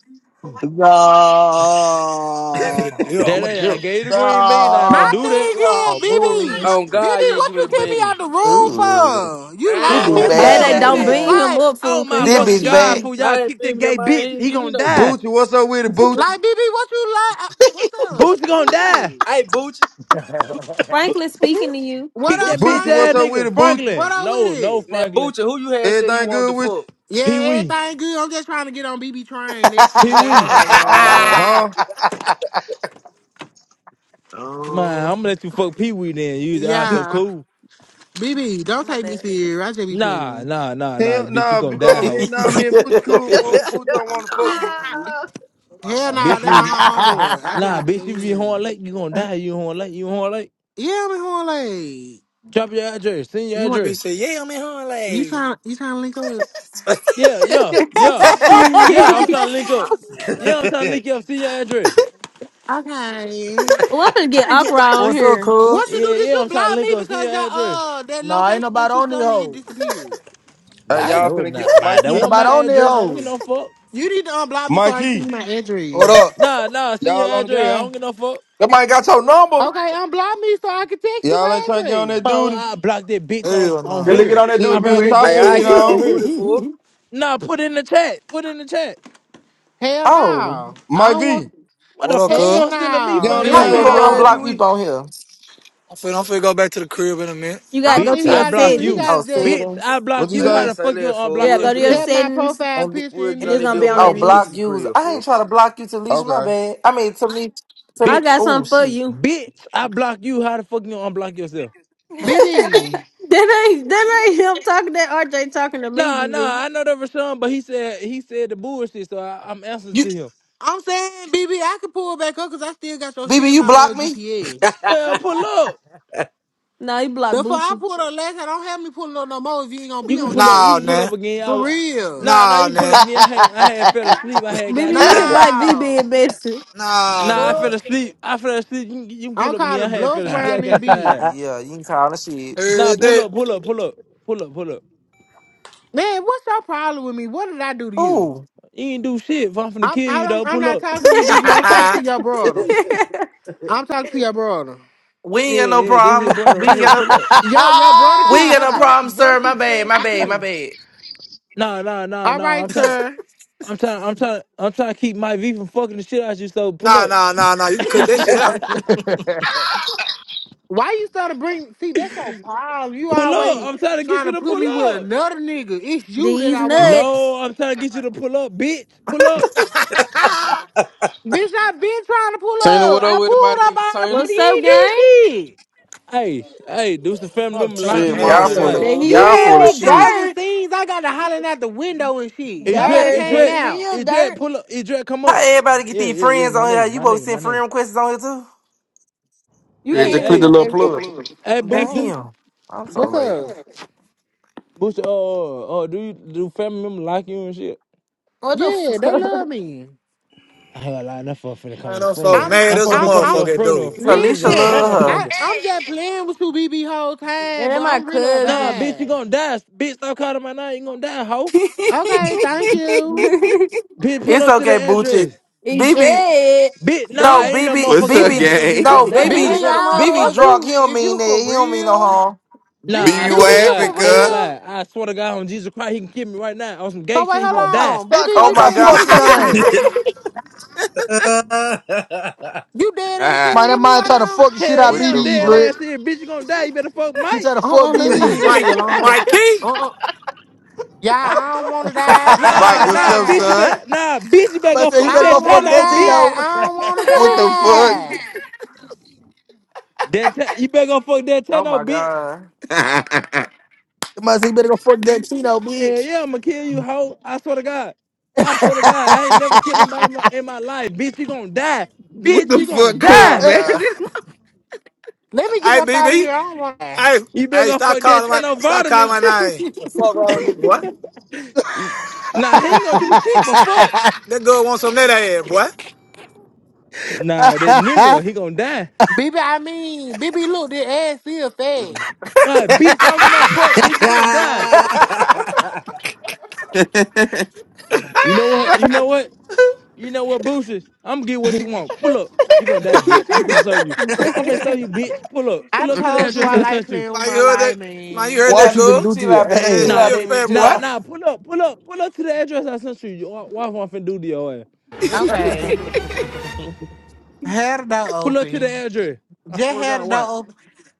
[SPEAKER 11] I'm finna
[SPEAKER 8] No,
[SPEAKER 11] deal. I'm
[SPEAKER 10] that
[SPEAKER 11] a
[SPEAKER 10] ain't. I
[SPEAKER 11] deal.
[SPEAKER 10] gave the green bean. I don't
[SPEAKER 12] My
[SPEAKER 10] do
[SPEAKER 8] no,
[SPEAKER 10] that.
[SPEAKER 12] thing is,
[SPEAKER 8] yo,
[SPEAKER 12] BB,
[SPEAKER 8] bullshit.
[SPEAKER 2] On God,
[SPEAKER 12] BB,
[SPEAKER 2] you ain't
[SPEAKER 12] what
[SPEAKER 2] give me
[SPEAKER 12] you
[SPEAKER 2] the
[SPEAKER 12] kick me
[SPEAKER 2] bean.
[SPEAKER 12] out the room
[SPEAKER 9] Ooh,
[SPEAKER 12] for? You
[SPEAKER 9] this
[SPEAKER 2] Ah,
[SPEAKER 12] lame
[SPEAKER 9] bitch
[SPEAKER 10] Who
[SPEAKER 12] as
[SPEAKER 8] Oh,
[SPEAKER 9] bad.
[SPEAKER 3] That
[SPEAKER 10] said
[SPEAKER 3] they
[SPEAKER 12] fuck.
[SPEAKER 10] that
[SPEAKER 7] my
[SPEAKER 3] don't
[SPEAKER 10] shit?
[SPEAKER 7] God.
[SPEAKER 3] bean him
[SPEAKER 12] Like,
[SPEAKER 3] up, fool,
[SPEAKER 10] Oh
[SPEAKER 3] cause
[SPEAKER 10] my
[SPEAKER 3] he
[SPEAKER 9] This
[SPEAKER 3] gonna
[SPEAKER 10] fucking
[SPEAKER 9] bitch
[SPEAKER 3] kick
[SPEAKER 10] God,
[SPEAKER 9] bad.
[SPEAKER 10] fool!
[SPEAKER 3] people.
[SPEAKER 10] Y'all
[SPEAKER 2] I ain't
[SPEAKER 10] kick that
[SPEAKER 2] beaming that
[SPEAKER 10] gay
[SPEAKER 2] man. He
[SPEAKER 10] bitch.
[SPEAKER 2] ain't
[SPEAKER 10] He
[SPEAKER 2] give me
[SPEAKER 10] gonna
[SPEAKER 2] no
[SPEAKER 10] die.
[SPEAKER 2] bean.
[SPEAKER 5] Boochie, what's up with it, Boochie?
[SPEAKER 12] like, BB, what you like? uh, What's up?
[SPEAKER 10] Boosie gonna
[SPEAKER 12] Who it
[SPEAKER 10] die.
[SPEAKER 12] is?
[SPEAKER 2] Hey, Boochie,
[SPEAKER 3] Franklin speaking to you.
[SPEAKER 12] What
[SPEAKER 10] Kick
[SPEAKER 12] up,
[SPEAKER 10] that
[SPEAKER 2] Boochie, that,
[SPEAKER 10] bitch
[SPEAKER 5] Boochie, what's
[SPEAKER 10] ass
[SPEAKER 12] Frankie?
[SPEAKER 5] up with
[SPEAKER 10] nigga.
[SPEAKER 5] it, Boochie?
[SPEAKER 12] What
[SPEAKER 10] Franklin.
[SPEAKER 12] up with
[SPEAKER 10] No, no,
[SPEAKER 12] it?
[SPEAKER 2] now
[SPEAKER 10] Franklin.
[SPEAKER 2] Boochie, who you had said you
[SPEAKER 5] Everything
[SPEAKER 2] wanted to
[SPEAKER 5] good with
[SPEAKER 2] fuck?
[SPEAKER 5] you?
[SPEAKER 10] Pee
[SPEAKER 12] Yeah,
[SPEAKER 10] Wee.
[SPEAKER 12] everything good. I'm just trying to get on BB train. That's
[SPEAKER 10] Pee
[SPEAKER 12] it.
[SPEAKER 7] Oh,
[SPEAKER 10] Wee.
[SPEAKER 2] Nah.
[SPEAKER 7] my
[SPEAKER 5] Uh
[SPEAKER 7] God.
[SPEAKER 5] huh.
[SPEAKER 10] Man, I'm gonna let you fuck Pee Wee then. You are so
[SPEAKER 12] Yeah,
[SPEAKER 10] cool.
[SPEAKER 12] BB, don't
[SPEAKER 7] My
[SPEAKER 12] take me
[SPEAKER 7] bad.
[SPEAKER 12] serious. I just be
[SPEAKER 10] Nah,
[SPEAKER 12] playing.
[SPEAKER 10] nah, nah, nah.
[SPEAKER 5] Hell,
[SPEAKER 10] Bitch, you
[SPEAKER 5] nah, b-
[SPEAKER 10] gonna
[SPEAKER 5] uh,
[SPEAKER 10] die,
[SPEAKER 5] me,
[SPEAKER 10] hoe.
[SPEAKER 5] nah, me and Boochie cool, fool. Boochie don't want to fuck me, fool.
[SPEAKER 12] Hell
[SPEAKER 8] oh.
[SPEAKER 12] nah,
[SPEAKER 10] Bitch,
[SPEAKER 12] that
[SPEAKER 10] you
[SPEAKER 12] my homeboy. I just
[SPEAKER 10] nah,
[SPEAKER 12] be
[SPEAKER 10] bitch, if you horn
[SPEAKER 12] playing.
[SPEAKER 10] late, you gonna die. You horn late, you horn late.
[SPEAKER 12] Yeah, I'm horn like
[SPEAKER 10] Drop your address, send your
[SPEAKER 12] you want
[SPEAKER 11] That bitch
[SPEAKER 10] address.
[SPEAKER 11] said, yeah, I'm in her
[SPEAKER 12] you
[SPEAKER 11] Like,
[SPEAKER 12] trying you trying to link
[SPEAKER 10] Yeah, yeah, yeah. I, yeah, I'm trying to
[SPEAKER 12] up?
[SPEAKER 10] link up. Yeah, I'm trying to link
[SPEAKER 5] hey,
[SPEAKER 10] up, send your address.
[SPEAKER 12] okay.
[SPEAKER 3] well, I'm finna get
[SPEAKER 7] Yeah.
[SPEAKER 3] awkward on
[SPEAKER 1] What's up,
[SPEAKER 3] here.
[SPEAKER 12] What
[SPEAKER 1] cuz?
[SPEAKER 12] you do?
[SPEAKER 10] Yeah,
[SPEAKER 12] Did
[SPEAKER 10] yeah,
[SPEAKER 12] you
[SPEAKER 10] I'm trying to
[SPEAKER 12] block
[SPEAKER 10] link
[SPEAKER 12] me
[SPEAKER 10] up, send
[SPEAKER 12] because
[SPEAKER 10] your
[SPEAKER 12] that
[SPEAKER 10] address.
[SPEAKER 12] uh that
[SPEAKER 1] Nah, ain't
[SPEAKER 12] location that
[SPEAKER 1] nobody
[SPEAKER 12] you
[SPEAKER 1] on this
[SPEAKER 12] sent me it
[SPEAKER 1] hoe.
[SPEAKER 12] disappeared?
[SPEAKER 10] Man,
[SPEAKER 5] y'all
[SPEAKER 11] dang.
[SPEAKER 10] that was
[SPEAKER 5] finna get
[SPEAKER 10] not my that
[SPEAKER 1] Ain't
[SPEAKER 5] Mikey,
[SPEAKER 10] wasn't
[SPEAKER 1] nobody
[SPEAKER 10] my
[SPEAKER 1] on these
[SPEAKER 10] address. I don't give
[SPEAKER 1] hoes.
[SPEAKER 10] no fuck.
[SPEAKER 12] You need to unblock me so I can see
[SPEAKER 5] Mikey.
[SPEAKER 12] my
[SPEAKER 11] What
[SPEAKER 12] address.
[SPEAKER 11] up?
[SPEAKER 10] Nah, nah, send your
[SPEAKER 5] Y'all on the
[SPEAKER 10] address. I don't
[SPEAKER 5] game?
[SPEAKER 10] give no fuck.
[SPEAKER 4] That might got your number.
[SPEAKER 12] Okay, unblock me so I can text you
[SPEAKER 5] Y'all ain't
[SPEAKER 12] my
[SPEAKER 5] trying to get on
[SPEAKER 12] address.
[SPEAKER 5] that
[SPEAKER 10] Man,
[SPEAKER 5] duty?
[SPEAKER 10] I blocked that bitch on
[SPEAKER 11] Hell
[SPEAKER 10] on
[SPEAKER 4] You
[SPEAKER 11] nah.
[SPEAKER 4] look it
[SPEAKER 10] her.
[SPEAKER 4] on that
[SPEAKER 5] Shit,
[SPEAKER 10] I
[SPEAKER 5] me
[SPEAKER 10] blocked
[SPEAKER 5] and
[SPEAKER 4] dude,
[SPEAKER 10] that
[SPEAKER 5] Top
[SPEAKER 2] Hey,
[SPEAKER 5] finna
[SPEAKER 10] gay
[SPEAKER 2] I
[SPEAKER 10] ass
[SPEAKER 5] get
[SPEAKER 2] get
[SPEAKER 10] nigga
[SPEAKER 2] on
[SPEAKER 10] on
[SPEAKER 2] that
[SPEAKER 5] on.
[SPEAKER 10] her.
[SPEAKER 2] duty fool.
[SPEAKER 10] Nah, put it in the chat. Put it in the chat.
[SPEAKER 12] Hell
[SPEAKER 9] oh,
[SPEAKER 12] no, I
[SPEAKER 5] Mike
[SPEAKER 12] don't
[SPEAKER 5] V.
[SPEAKER 12] want.
[SPEAKER 10] What
[SPEAKER 11] What
[SPEAKER 10] the
[SPEAKER 11] up,
[SPEAKER 10] fuck you
[SPEAKER 11] cuz?
[SPEAKER 12] Hell
[SPEAKER 10] gonna send to me
[SPEAKER 12] no,
[SPEAKER 5] Get on
[SPEAKER 10] for
[SPEAKER 5] the
[SPEAKER 2] Pee
[SPEAKER 9] how
[SPEAKER 2] Wee,
[SPEAKER 12] hell
[SPEAKER 10] then,
[SPEAKER 2] you
[SPEAKER 9] you
[SPEAKER 2] on
[SPEAKER 5] game,
[SPEAKER 10] bitch?
[SPEAKER 2] the
[SPEAKER 9] gonna
[SPEAKER 2] game,
[SPEAKER 5] fool.
[SPEAKER 2] Pee
[SPEAKER 9] unblock
[SPEAKER 12] no.
[SPEAKER 2] Wee?
[SPEAKER 9] people on here?
[SPEAKER 11] I'm finna, I'm finna go back to the crib in a minute.
[SPEAKER 3] You
[SPEAKER 12] I
[SPEAKER 3] gotta
[SPEAKER 12] don't
[SPEAKER 3] go
[SPEAKER 10] Bitch,
[SPEAKER 12] think
[SPEAKER 3] to
[SPEAKER 12] he
[SPEAKER 3] your
[SPEAKER 10] I
[SPEAKER 5] Okay.
[SPEAKER 12] gotta do.
[SPEAKER 10] block
[SPEAKER 12] He
[SPEAKER 10] you.
[SPEAKER 9] Oh,
[SPEAKER 3] settings.
[SPEAKER 12] gotta just
[SPEAKER 10] Bitch, I
[SPEAKER 9] settings
[SPEAKER 10] block
[SPEAKER 5] What you
[SPEAKER 2] Say
[SPEAKER 10] you. How
[SPEAKER 2] that,
[SPEAKER 5] say?
[SPEAKER 10] the
[SPEAKER 2] say
[SPEAKER 10] fuck you
[SPEAKER 2] that,
[SPEAKER 10] gonna
[SPEAKER 2] fool.
[SPEAKER 3] Yeah,
[SPEAKER 10] unblock
[SPEAKER 2] We'll
[SPEAKER 3] go to
[SPEAKER 2] get
[SPEAKER 3] your
[SPEAKER 10] yourself?
[SPEAKER 12] tap my
[SPEAKER 3] settings
[SPEAKER 12] profile
[SPEAKER 9] and
[SPEAKER 12] picture
[SPEAKER 2] we'll
[SPEAKER 12] in
[SPEAKER 2] get
[SPEAKER 3] and
[SPEAKER 2] on
[SPEAKER 3] it's
[SPEAKER 12] there.
[SPEAKER 2] that
[SPEAKER 3] gonna be
[SPEAKER 2] bill.
[SPEAKER 3] on
[SPEAKER 12] So
[SPEAKER 2] Might
[SPEAKER 9] oh,
[SPEAKER 12] up.
[SPEAKER 3] that
[SPEAKER 2] be get to
[SPEAKER 9] block
[SPEAKER 3] list.
[SPEAKER 2] the
[SPEAKER 9] users.
[SPEAKER 2] crib,
[SPEAKER 9] I ain't
[SPEAKER 2] fool.
[SPEAKER 9] trying to block you, Talisha. My
[SPEAKER 5] Okay.
[SPEAKER 9] bad. I mean, Talisha.
[SPEAKER 3] I
[SPEAKER 9] Talisha.
[SPEAKER 10] Bitch,
[SPEAKER 3] got
[SPEAKER 9] Oh
[SPEAKER 3] something for
[SPEAKER 9] shit.
[SPEAKER 3] you.
[SPEAKER 10] bitch, I block you. How the fuck you gonna unblock yourself?
[SPEAKER 7] That
[SPEAKER 12] BB.
[SPEAKER 3] That ain't that ain't him talking. That RJ talking to me,
[SPEAKER 10] Nah,
[SPEAKER 3] BB.
[SPEAKER 10] nah, I know that for some, but he said he said the bullshit, so I, I'm answering
[SPEAKER 9] You,
[SPEAKER 10] to him.
[SPEAKER 12] I'm saying, BB, I can pull back up because I still got your shit
[SPEAKER 9] BB,
[SPEAKER 12] in
[SPEAKER 9] you
[SPEAKER 12] my uh
[SPEAKER 9] block me?
[SPEAKER 12] GPS.
[SPEAKER 10] Well, pull up.
[SPEAKER 3] No, he blocked
[SPEAKER 12] Therefore, I
[SPEAKER 3] Bucci.
[SPEAKER 12] pulled up last time. Don't have me pulling up no more if you ain't gonna
[SPEAKER 10] You
[SPEAKER 12] be
[SPEAKER 10] can
[SPEAKER 12] on
[SPEAKER 10] pull
[SPEAKER 12] shit.
[SPEAKER 10] up. You
[SPEAKER 11] Nah,
[SPEAKER 10] can pull up
[SPEAKER 11] man.
[SPEAKER 10] again. I,
[SPEAKER 12] For
[SPEAKER 10] w-
[SPEAKER 12] real.
[SPEAKER 10] nah, nah, you
[SPEAKER 11] Nah,
[SPEAKER 10] can pull up
[SPEAKER 11] man.
[SPEAKER 10] again. I had I had fell asleep. I had got
[SPEAKER 3] BB, look at
[SPEAKER 10] tired.
[SPEAKER 3] Mike B being
[SPEAKER 12] No.
[SPEAKER 3] messy.
[SPEAKER 11] Nah,
[SPEAKER 10] Nah, I
[SPEAKER 11] man.
[SPEAKER 10] fell
[SPEAKER 12] Fuck.
[SPEAKER 10] asleep. I fell asleep. You, can- you can pull
[SPEAKER 12] I'm
[SPEAKER 10] up
[SPEAKER 12] calling
[SPEAKER 10] again. I had
[SPEAKER 12] bluffs
[SPEAKER 10] fell asleep.
[SPEAKER 12] around
[SPEAKER 10] I
[SPEAKER 12] this
[SPEAKER 10] got
[SPEAKER 12] bitch.
[SPEAKER 10] tired.
[SPEAKER 9] yeah, you can call the shit.
[SPEAKER 10] Nah,
[SPEAKER 11] Heard
[SPEAKER 10] pull
[SPEAKER 11] that?
[SPEAKER 10] up, pull up, pull up, pull up, pull up.
[SPEAKER 12] Man, what's your problem with me? What did I do to you?
[SPEAKER 9] Who?
[SPEAKER 10] You ain't do shit. If I'm finna
[SPEAKER 12] I'm
[SPEAKER 10] kill
[SPEAKER 12] I,
[SPEAKER 10] you,
[SPEAKER 12] I'm
[SPEAKER 10] though,
[SPEAKER 12] I'm
[SPEAKER 10] pull
[SPEAKER 12] not
[SPEAKER 10] up.
[SPEAKER 12] talking to you, B. am talking to your brother. I'm talking to your brother.
[SPEAKER 9] We ain't
[SPEAKER 10] Yeah,
[SPEAKER 9] got no
[SPEAKER 10] yeah, this here
[SPEAKER 9] problem.
[SPEAKER 10] brother
[SPEAKER 9] We
[SPEAKER 1] I
[SPEAKER 10] right
[SPEAKER 9] ain't
[SPEAKER 10] here,
[SPEAKER 9] got no.
[SPEAKER 10] pull up.
[SPEAKER 12] Yo, your brother
[SPEAKER 9] We
[SPEAKER 12] keep
[SPEAKER 9] ain't
[SPEAKER 12] your
[SPEAKER 9] got no
[SPEAKER 12] brother,
[SPEAKER 9] problem,
[SPEAKER 12] brother
[SPEAKER 9] sir. My
[SPEAKER 12] keep
[SPEAKER 9] bad.
[SPEAKER 12] saying
[SPEAKER 9] My
[SPEAKER 12] shit to
[SPEAKER 9] bad. My
[SPEAKER 12] me.
[SPEAKER 9] bad.
[SPEAKER 10] Nah, nah, nah,
[SPEAKER 12] All
[SPEAKER 10] nah.
[SPEAKER 12] right,
[SPEAKER 10] I'm trying,
[SPEAKER 12] sir.
[SPEAKER 10] I'm trying, I'm trying, I'm trying to keep my V from fucking the shit out you. So pull
[SPEAKER 11] nah,
[SPEAKER 10] up,
[SPEAKER 11] nah, nah, nah. You can cut that shit out.
[SPEAKER 12] Why you trying to bring? See, that's your problem. You
[SPEAKER 10] pull up.
[SPEAKER 12] always
[SPEAKER 10] I'm trying to get
[SPEAKER 12] trying
[SPEAKER 10] you
[SPEAKER 12] to
[SPEAKER 10] to
[SPEAKER 12] put
[SPEAKER 10] pull
[SPEAKER 12] me with
[SPEAKER 10] up.
[SPEAKER 12] another nigga. It's you that
[SPEAKER 3] These
[SPEAKER 12] I want,
[SPEAKER 3] nuts.
[SPEAKER 10] No, I'm trying to get you to pull up, bitch. Pull up.
[SPEAKER 12] bitch. I been trying to pull
[SPEAKER 13] Tina,
[SPEAKER 12] up.
[SPEAKER 13] what up
[SPEAKER 12] I
[SPEAKER 13] with it, my
[SPEAKER 12] pulled up
[SPEAKER 13] nigga Tina?
[SPEAKER 12] already.
[SPEAKER 3] What's
[SPEAKER 12] He
[SPEAKER 3] up,
[SPEAKER 12] ain't do
[SPEAKER 3] gang?
[SPEAKER 12] shit.
[SPEAKER 10] Hey, hey, do some family
[SPEAKER 11] Fuck
[SPEAKER 10] member
[SPEAKER 11] Tina
[SPEAKER 10] locking
[SPEAKER 13] Shit,
[SPEAKER 10] you and
[SPEAKER 9] y'all
[SPEAKER 10] shit
[SPEAKER 11] nasty.
[SPEAKER 13] mine,
[SPEAKER 9] full. Of,
[SPEAKER 10] like.
[SPEAKER 3] There
[SPEAKER 13] cuz.
[SPEAKER 3] he
[SPEAKER 12] You
[SPEAKER 9] y'all
[SPEAKER 12] had
[SPEAKER 9] full of
[SPEAKER 12] me
[SPEAKER 3] is.
[SPEAKER 9] shit.
[SPEAKER 12] causing
[SPEAKER 3] Dirt,
[SPEAKER 12] scenes. I got to hollering out the window and shit.
[SPEAKER 10] Edret,
[SPEAKER 12] Nobody
[SPEAKER 3] dirt.
[SPEAKER 12] came
[SPEAKER 3] What
[SPEAKER 10] Edret,
[SPEAKER 3] it
[SPEAKER 12] out.
[SPEAKER 3] is,
[SPEAKER 10] Edret,
[SPEAKER 3] dirt.
[SPEAKER 10] pull up. Edret, come
[SPEAKER 9] How
[SPEAKER 10] up.
[SPEAKER 9] everybody get
[SPEAKER 10] Yeah,
[SPEAKER 9] these
[SPEAKER 10] yeah, yeah.
[SPEAKER 9] friends
[SPEAKER 10] My
[SPEAKER 9] on here?
[SPEAKER 10] name,
[SPEAKER 9] You
[SPEAKER 10] my
[SPEAKER 9] both
[SPEAKER 10] name, my
[SPEAKER 9] send friend
[SPEAKER 10] name.
[SPEAKER 9] requests on here too?
[SPEAKER 3] You
[SPEAKER 4] Yeah,
[SPEAKER 10] Hey,
[SPEAKER 4] just
[SPEAKER 3] can't.
[SPEAKER 4] click the
[SPEAKER 3] even-
[SPEAKER 10] hey,
[SPEAKER 4] little plug.
[SPEAKER 3] explain.
[SPEAKER 10] hey, Boocha.
[SPEAKER 9] Damn. I'm so
[SPEAKER 12] What's
[SPEAKER 9] late.
[SPEAKER 12] up?
[SPEAKER 10] Bush, uh, uh, do you do family members like you and shit?
[SPEAKER 3] What the
[SPEAKER 12] Yeah, they
[SPEAKER 3] fuck?
[SPEAKER 12] love me.
[SPEAKER 10] I ain't gonna lie, that fuck finna
[SPEAKER 11] Man,
[SPEAKER 10] come to
[SPEAKER 11] I'm so
[SPEAKER 10] funeral.
[SPEAKER 12] I'm,
[SPEAKER 11] mad
[SPEAKER 10] That
[SPEAKER 11] as
[SPEAKER 10] fuck
[SPEAKER 11] a
[SPEAKER 10] finna
[SPEAKER 12] I'm,
[SPEAKER 10] come to
[SPEAKER 12] I'm.
[SPEAKER 10] your
[SPEAKER 11] motherfucker,
[SPEAKER 10] funeral
[SPEAKER 11] dude.
[SPEAKER 9] So
[SPEAKER 10] fresh as
[SPEAKER 9] Alicia
[SPEAKER 10] a
[SPEAKER 12] Listen,
[SPEAKER 9] love
[SPEAKER 12] I,
[SPEAKER 9] her.
[SPEAKER 10] motherfucker.
[SPEAKER 12] I'm just playing with you, BB, whole
[SPEAKER 3] Man,
[SPEAKER 12] time, but
[SPEAKER 3] that my
[SPEAKER 12] I'm really a
[SPEAKER 10] Nah,
[SPEAKER 3] cousin.
[SPEAKER 10] bitch, you
[SPEAKER 12] vibe.
[SPEAKER 10] gonna die. Bitch, stop calling my name. You gonna die, hoe.
[SPEAKER 12] Okay, thank you.
[SPEAKER 10] Bitch, pull
[SPEAKER 9] It's
[SPEAKER 10] up to the
[SPEAKER 9] okay, Boochie.
[SPEAKER 10] address.
[SPEAKER 3] he
[SPEAKER 9] BB.
[SPEAKER 3] dread.
[SPEAKER 10] Bitch, nah,
[SPEAKER 9] No,
[SPEAKER 12] Damn,
[SPEAKER 10] ain't no
[SPEAKER 9] BB.
[SPEAKER 14] What's
[SPEAKER 10] motherfucker.
[SPEAKER 14] up,
[SPEAKER 10] Okay,
[SPEAKER 9] BB.
[SPEAKER 10] that
[SPEAKER 14] gang?
[SPEAKER 10] bitch gonna
[SPEAKER 9] No,
[SPEAKER 3] What
[SPEAKER 10] die.
[SPEAKER 3] you
[SPEAKER 12] BB,
[SPEAKER 10] I
[SPEAKER 3] been
[SPEAKER 9] BB.
[SPEAKER 10] go to.
[SPEAKER 12] I don't
[SPEAKER 3] on,
[SPEAKER 12] know
[SPEAKER 9] BB
[SPEAKER 12] if
[SPEAKER 9] drunk. He
[SPEAKER 12] you,
[SPEAKER 9] don't
[SPEAKER 12] if
[SPEAKER 9] mean
[SPEAKER 12] you for
[SPEAKER 9] that. He don't mean no
[SPEAKER 12] real.
[SPEAKER 9] harm.
[SPEAKER 14] Be
[SPEAKER 12] BB,
[SPEAKER 10] Nah,
[SPEAKER 12] BB,
[SPEAKER 10] I
[SPEAKER 14] you
[SPEAKER 10] swear to
[SPEAKER 12] you for
[SPEAKER 14] laughing,
[SPEAKER 10] God, I ain't gonna
[SPEAKER 14] cuz?
[SPEAKER 12] real?
[SPEAKER 10] lie. I swear to God on Jesus Christ, he can kill me right now. On some gay
[SPEAKER 12] So wait,
[SPEAKER 10] shit, he
[SPEAKER 12] hold
[SPEAKER 10] gonna
[SPEAKER 1] was
[SPEAKER 10] die.
[SPEAKER 12] on, BB,
[SPEAKER 1] stuck
[SPEAKER 9] Oh
[SPEAKER 12] you
[SPEAKER 1] out by
[SPEAKER 9] my
[SPEAKER 12] dead ass
[SPEAKER 9] god.
[SPEAKER 1] fucking
[SPEAKER 12] serious?
[SPEAKER 1] name.
[SPEAKER 12] You dead ass serious
[SPEAKER 1] Man, that
[SPEAKER 12] with me
[SPEAKER 1] man
[SPEAKER 12] right
[SPEAKER 1] try to
[SPEAKER 12] now?
[SPEAKER 1] fuck the shit
[SPEAKER 10] Hell
[SPEAKER 1] out
[SPEAKER 14] what
[SPEAKER 10] yeah, I'm
[SPEAKER 14] the
[SPEAKER 1] BB,
[SPEAKER 10] dead
[SPEAKER 14] fuck?
[SPEAKER 1] Greg.
[SPEAKER 10] ass here. Bitch, you gonna die. You better fuck
[SPEAKER 1] He
[SPEAKER 10] Mike.
[SPEAKER 1] try to
[SPEAKER 12] Uh
[SPEAKER 1] fuck
[SPEAKER 12] uh let me leave
[SPEAKER 1] BB.
[SPEAKER 12] this nigga
[SPEAKER 11] Mike,
[SPEAKER 12] alone.
[SPEAKER 11] Mike Key.
[SPEAKER 12] Uh-uh. Yeah, I don't wanna die. I don't
[SPEAKER 14] Mike,
[SPEAKER 10] Nah,
[SPEAKER 12] wanna
[SPEAKER 14] what's
[SPEAKER 10] nah,
[SPEAKER 14] up,
[SPEAKER 10] bitch, you
[SPEAKER 12] die.
[SPEAKER 14] son?
[SPEAKER 10] better, nah, bitch, you better
[SPEAKER 1] Man
[SPEAKER 10] go
[SPEAKER 1] said he
[SPEAKER 12] I
[SPEAKER 10] fuck
[SPEAKER 1] better go
[SPEAKER 10] that
[SPEAKER 12] don't
[SPEAKER 1] fuck
[SPEAKER 12] wanna
[SPEAKER 10] Tano,
[SPEAKER 1] that
[SPEAKER 10] bitch.
[SPEAKER 12] die.
[SPEAKER 1] Tito.
[SPEAKER 12] I don't wanna
[SPEAKER 14] What the fuck?
[SPEAKER 12] die.
[SPEAKER 10] That te- you better go fuck that
[SPEAKER 9] oh my
[SPEAKER 10] Tano, bitch.
[SPEAKER 9] god.
[SPEAKER 1] Man said he better go fuck that Tito,
[SPEAKER 10] And
[SPEAKER 1] bitch.
[SPEAKER 10] yeah, I'ma kill you, hoe. I swear to God. I swear to God, I ain't never killed nobody in my, in my life. Bitch, you gonna die.
[SPEAKER 14] what
[SPEAKER 10] Bitch,
[SPEAKER 14] the
[SPEAKER 10] you gonna
[SPEAKER 14] fuck,
[SPEAKER 9] Oh
[SPEAKER 14] cuz,
[SPEAKER 9] my
[SPEAKER 10] die.
[SPEAKER 14] man?
[SPEAKER 9] god.
[SPEAKER 12] Let me get
[SPEAKER 11] Hey,
[SPEAKER 12] up out of
[SPEAKER 11] BB.
[SPEAKER 12] here. I don't wanna die.
[SPEAKER 11] Hey,
[SPEAKER 10] You better
[SPEAKER 11] hey,
[SPEAKER 10] go
[SPEAKER 11] stop
[SPEAKER 10] fuck that
[SPEAKER 11] calling my
[SPEAKER 10] Tano
[SPEAKER 11] stop
[SPEAKER 10] Vardaman.
[SPEAKER 11] calling my name.
[SPEAKER 9] chill
[SPEAKER 11] The fuck wrong with you, boy?
[SPEAKER 10] Nah, he
[SPEAKER 11] That,
[SPEAKER 10] ain't gonna do shit but
[SPEAKER 11] that,
[SPEAKER 10] fuck.
[SPEAKER 11] that girl wants some of that ass, boy.
[SPEAKER 10] Nah, that nigga, he gonna die.
[SPEAKER 12] BB, I mean, BB, look, this ass still fat.
[SPEAKER 10] My bitch, I don't get no fuck, bitch. You gonna die. You know what? You know what? You know what, Boosters? I'm gonna get what you want. Pull up. You gonna die, bitch. I'm finna show you. I'm finna show you, bitch. Pull up.
[SPEAKER 12] I
[SPEAKER 10] Pull up to the
[SPEAKER 12] told you
[SPEAKER 10] address
[SPEAKER 12] I
[SPEAKER 10] I
[SPEAKER 12] like
[SPEAKER 10] sent you.
[SPEAKER 12] playing with
[SPEAKER 11] Man, you
[SPEAKER 12] my
[SPEAKER 11] heard
[SPEAKER 12] life,
[SPEAKER 11] that? Man, you
[SPEAKER 12] man.
[SPEAKER 11] heard
[SPEAKER 1] What
[SPEAKER 11] that
[SPEAKER 9] out,
[SPEAKER 1] you even
[SPEAKER 11] girl?
[SPEAKER 9] BB.
[SPEAKER 1] do to
[SPEAKER 9] Chill
[SPEAKER 1] your
[SPEAKER 9] out,
[SPEAKER 11] That
[SPEAKER 9] BB.
[SPEAKER 11] ass
[SPEAKER 9] Chill
[SPEAKER 1] ass?
[SPEAKER 10] Nah,
[SPEAKER 9] out,
[SPEAKER 11] still
[SPEAKER 10] they
[SPEAKER 9] BB.
[SPEAKER 11] fat,
[SPEAKER 9] Chill
[SPEAKER 11] boy.
[SPEAKER 10] nah
[SPEAKER 9] out.
[SPEAKER 10] nah. Pull up, pull up, pull up to the address I sent you. You- Why why finna do to your ass?
[SPEAKER 11] no,
[SPEAKER 12] Okay. Had the door
[SPEAKER 10] Pull up to the
[SPEAKER 12] open.
[SPEAKER 10] address. I
[SPEAKER 12] Just
[SPEAKER 10] swear to God,
[SPEAKER 12] had the door
[SPEAKER 10] what?
[SPEAKER 12] open.